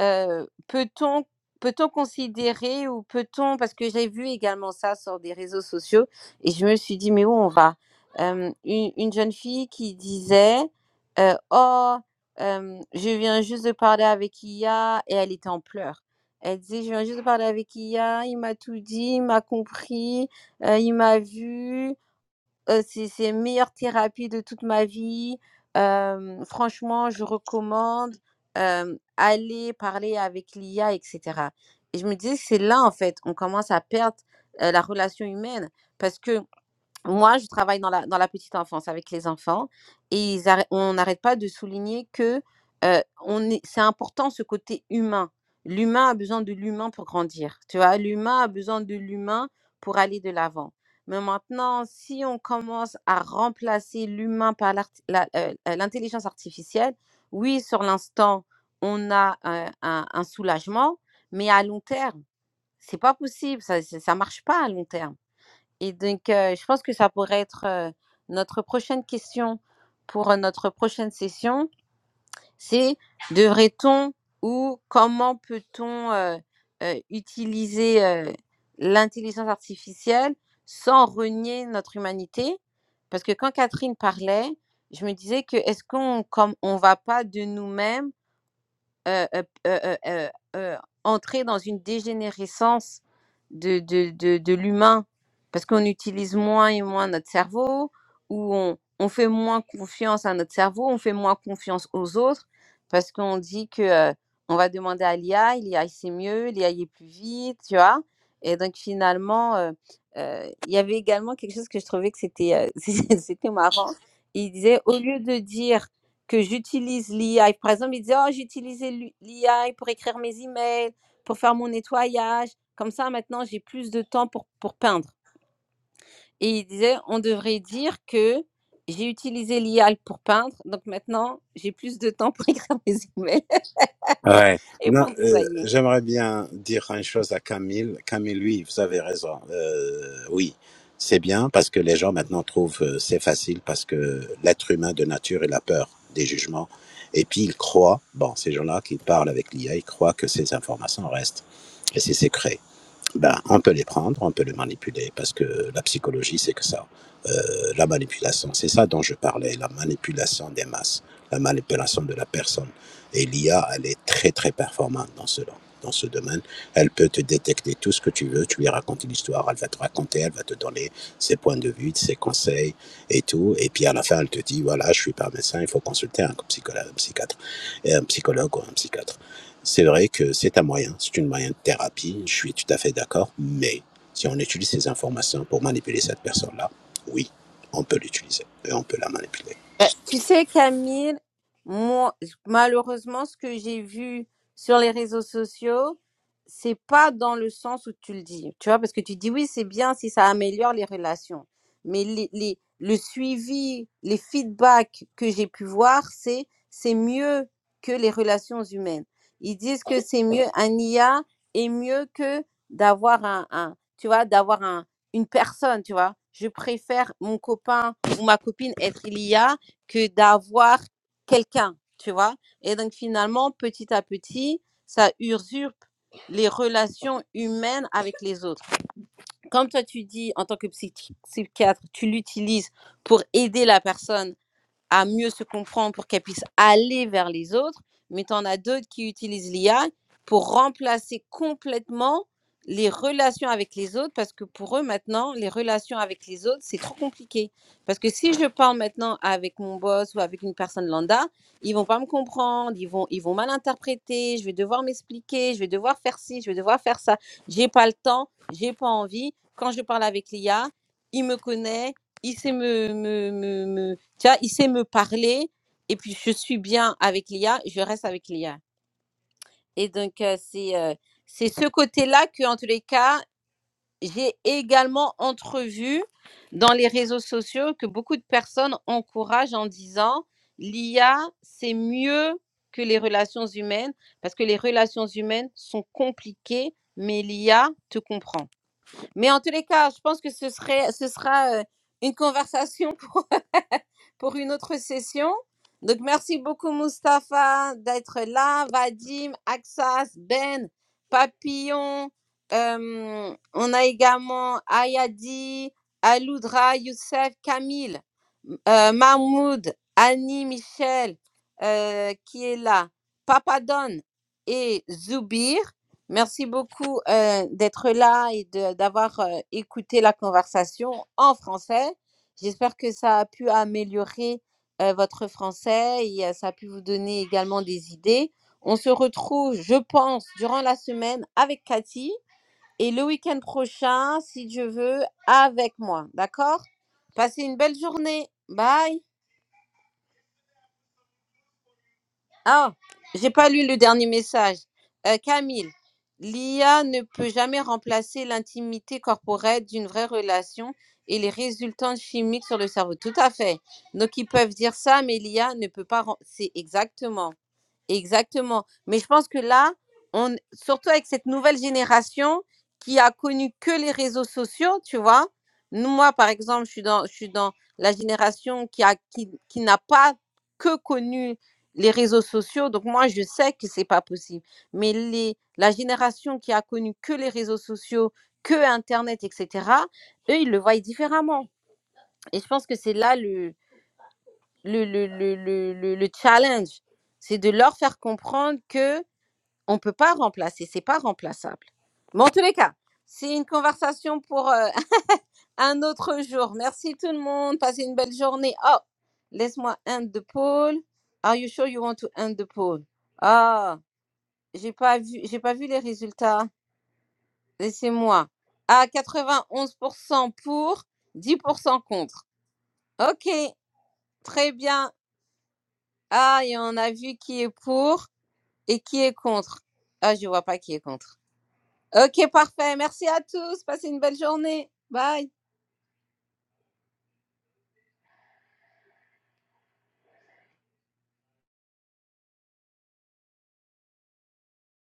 euh, peut-on peut-on considérer ou peut-on, parce que j'ai vu également ça sur des réseaux sociaux et je me suis dit, mais où on va Euh, une, une jeune fille qui disait, euh, oh, euh, je viens juste de parler avec IA et elle était en pleurs. Elle disait, je viens juste de parler avec IA, il m'a tout dit, il m'a compris, euh, il m'a vu, Heu, c'est c'est meilleure thérapie de toute ma vie. Hem, franchement, je recommande, hem, aller parler avec l'IA et cetera et je me disais: que «C'est là, en fait, on commence à perdre, heu, la relation humaine» parce que moi, je travaille dans la, dans la petite enfance avec les enfants et ils arrê- on n'arrête pas de souligner que euh, on est, c'est important ce côté humain. L'humain a besoin de l'humain pour grandir, tu vois. L'humain a besoin de l'humain pour aller de l'avant. Mais maintenant, si on commence à remplacer l'humain par l'art- la- euh, euh, l'intelligence artificielle, oui, sur l'instant, on a euh, un, un soulagement, mais à long terme, c'est pas possible, ça, ça ça marche pas à long terme et donc, euh, je pense que ça pourrait être euh, notre prochaine question pour euh, notre prochaine session. C'est devrait-on ou comment peut-on euh, euh, utiliser euh, l'intelligence artificielle sans renier notre humanité? Parce que quand Catherine parlait, je me disais que est-ce qu'on comme on va pas de nous-mêmes euh, euh, euh, euh, euh, euh, entrer dans une dégénérescence de, de, de, de l'humain parce qu'on utilise moins et moins notre cerveau ou on, on fait moins confiance à notre cerveau, on fait moins confiance aux autres parce qu'on dit que euh, on va demander à l'IA, l'IA c'est mieux, l'IA est plus vite, tu vois. Et donc finalement, euh, euh, il y avait également quelque chose que je trouvais que c'était euh, c'était marrant. Il disait au lieu de dire que j'utilise l'IA. Par exemple, il disait, oh, j'ai j'utilisais l'IA pour écrire mes emails, pour faire mon nettoyage. Comme ça, maintenant, j'ai plus de temps pour, pour peindre. Et il disait, on devrait dire que j'ai utilisé l'IA pour peindre, donc maintenant, j'ai plus de temps pour écrire mes emails Ouais. et Non, pour euh, nettoyer. j'aimerais bien dire une chose à Camille. Camille, oui, vous avez raison. Euh, oui, c'est bien parce que les gens maintenant trouvent euh, c'est facile parce que l'être humain de nature il a peur des jugements et puis il croit. Bon, ces gens-là qui parlent avec l'IA, ils croient que ces informations restent et c'est secret ben, on peut les prendre, on peut les manipuler, parce que la psychologie, c'est que ça. Euh, la manipulation, c'est ça dont je parlais, la manipulation des masses, la manipulation de la personne. Et l'IA, elle est très, très performante dans ce Dans ce domaine, elle peut te détecter tout ce que tu veux, tu lui racontes une histoire, elle va te raconter, elle va te donner ses points de vue, ses conseils et tout. Et puis à la fin, elle te dit, voilà, je suis pas médecin, il faut consulter un psychologue, un psychiatre, et un psychologue ou un psychiatre. C'est vrai que c'est un moyen, c'est une moyen de thérapie, je suis tout à fait d'accord, mais si on utilise ces informations pour manipuler cette personne-là, oui, on peut l'utiliser et on peut la manipuler. Euh, Tu sais, Camille, moi, malheureusement, ce que j'ai vu sur les réseaux sociaux, c'est pas dans le sens où tu le dis, tu vois, parce que tu dis oui, c'est bien si ça améliore les relations, mais les, les- le suivi, les feedbacks que j'ai pu voir, c'est c'est mieux que les relations humaines. Ils disent que c'est mieux, un IA est mieux que d'avoir un, un- tu vois, d'avoir un, une personne, tu vois. Je préfère mon copain ou ma copine être l'IA que d'avoir quelqu'un, tu vois. Et donc finalement, petit à petit, ça usurpe les relations humaines avec les autres. Comme toi, tu dis, en tant que psychi psychiatre, tu l'utilises pour aider la personne à mieux se comprendre pour qu'elles puissent aller vers les autres, mais tu en as d'autres qui utilisent l'IA pour remplacer complètement les relations avec les autres, parce que pour eux maintenant, les relations avec les autres, c'est trop compliqué. Parce que si je parle maintenant avec mon boss ou avec une personne lambda, ils vont pas me comprendre, ils vont, ils vont mal interpréter, je vais devoir m'expliquer, je vais devoir faire ci, je vais devoir faire ça. J'ai pas le temps, j'ai pas envie. Quand je parle avec l'IA, il me connaît, il sait me me, me, me, tu vois, il sait me parler et puis je suis bien avec l'IA, je reste avec l'IA. Et donc, euh, c'est euh, c'est ce côté-là que, en tous les cas, j'ai également entrevu dans les réseaux sociaux que beaucoup de personnes encouragent en disant l'IA, c'est mieux que les relations humaines parce que les relations humaines sont compliquées, mais l'IA te comprend. Mais en tous les cas, je pense que ce, serait, ce sera euh, une conversation pour une autre session. Donc, merci beaucoup, Mustapha, d'être là. Vadim, Axas, Ben, Papillon. euh, on a également Ayadi, Aloudra, Youssef, Camille, euh, Mahmoud, Annie, Michel, euh, qui est là, Papadon et Zoubir. Merci beaucoup euh, d'être là et de- d'avoir euh, écouté la conversation en français. J'espère que ça a pu améliorer euh, votre français et euh, ça a pu vous donner également des idées. On se retrouve, je pense, durant la semaine avec Cathy et le week-end prochain, si Dieu veut, avec moi. D'accord Passez une belle journée. Bye Ah, j'ai pas lu le dernier message. Euh, Camille, l'IA ne peut jamais remplacer l'intimité corporelle d'une vraie relation et les résultats chimiques sur le cerveau. Tout à fait. Donc ils peuvent dire ça, mais l'IA ne peut pas. rem- C'est exactement. Exactement. Mais je pense que là, on, surtout avec cette nouvelle génération qui a connu que les réseaux sociaux, tu vois. Nous, moi, par exemple, je suis dans, je suis dans la génération qui a, qui, qui n'a pas que connu les réseaux sociaux. Donc, moi, je sais que c'est pas possible. Mais les, la génération qui a connu que les réseaux sociaux, que Internet, etc., eux, ils le voient différemment. Et je pense que c'est là le, le, le, le, le, le le challenge. C'est de leur faire comprendre que on ne peut pas remplacer, c'est pas remplaçable. Bon, en tous les cas, c'est une conversation pour euh, un autre jour. Merci tout le monde, passez une belle journée. Oh, laisse-moi end the poll. Are you sure you want to end the poll? Ah, j'ai pas vu, j'ai pas vu les résultats. Laissez-moi. À 91% pour, 10% contre. Ok, très bien. Ah, et on a vu qui est pour et qui est contre. Ah, je vois pas qui est contre. OK, parfait. Merci à tous. Passez une belle journée. Bye.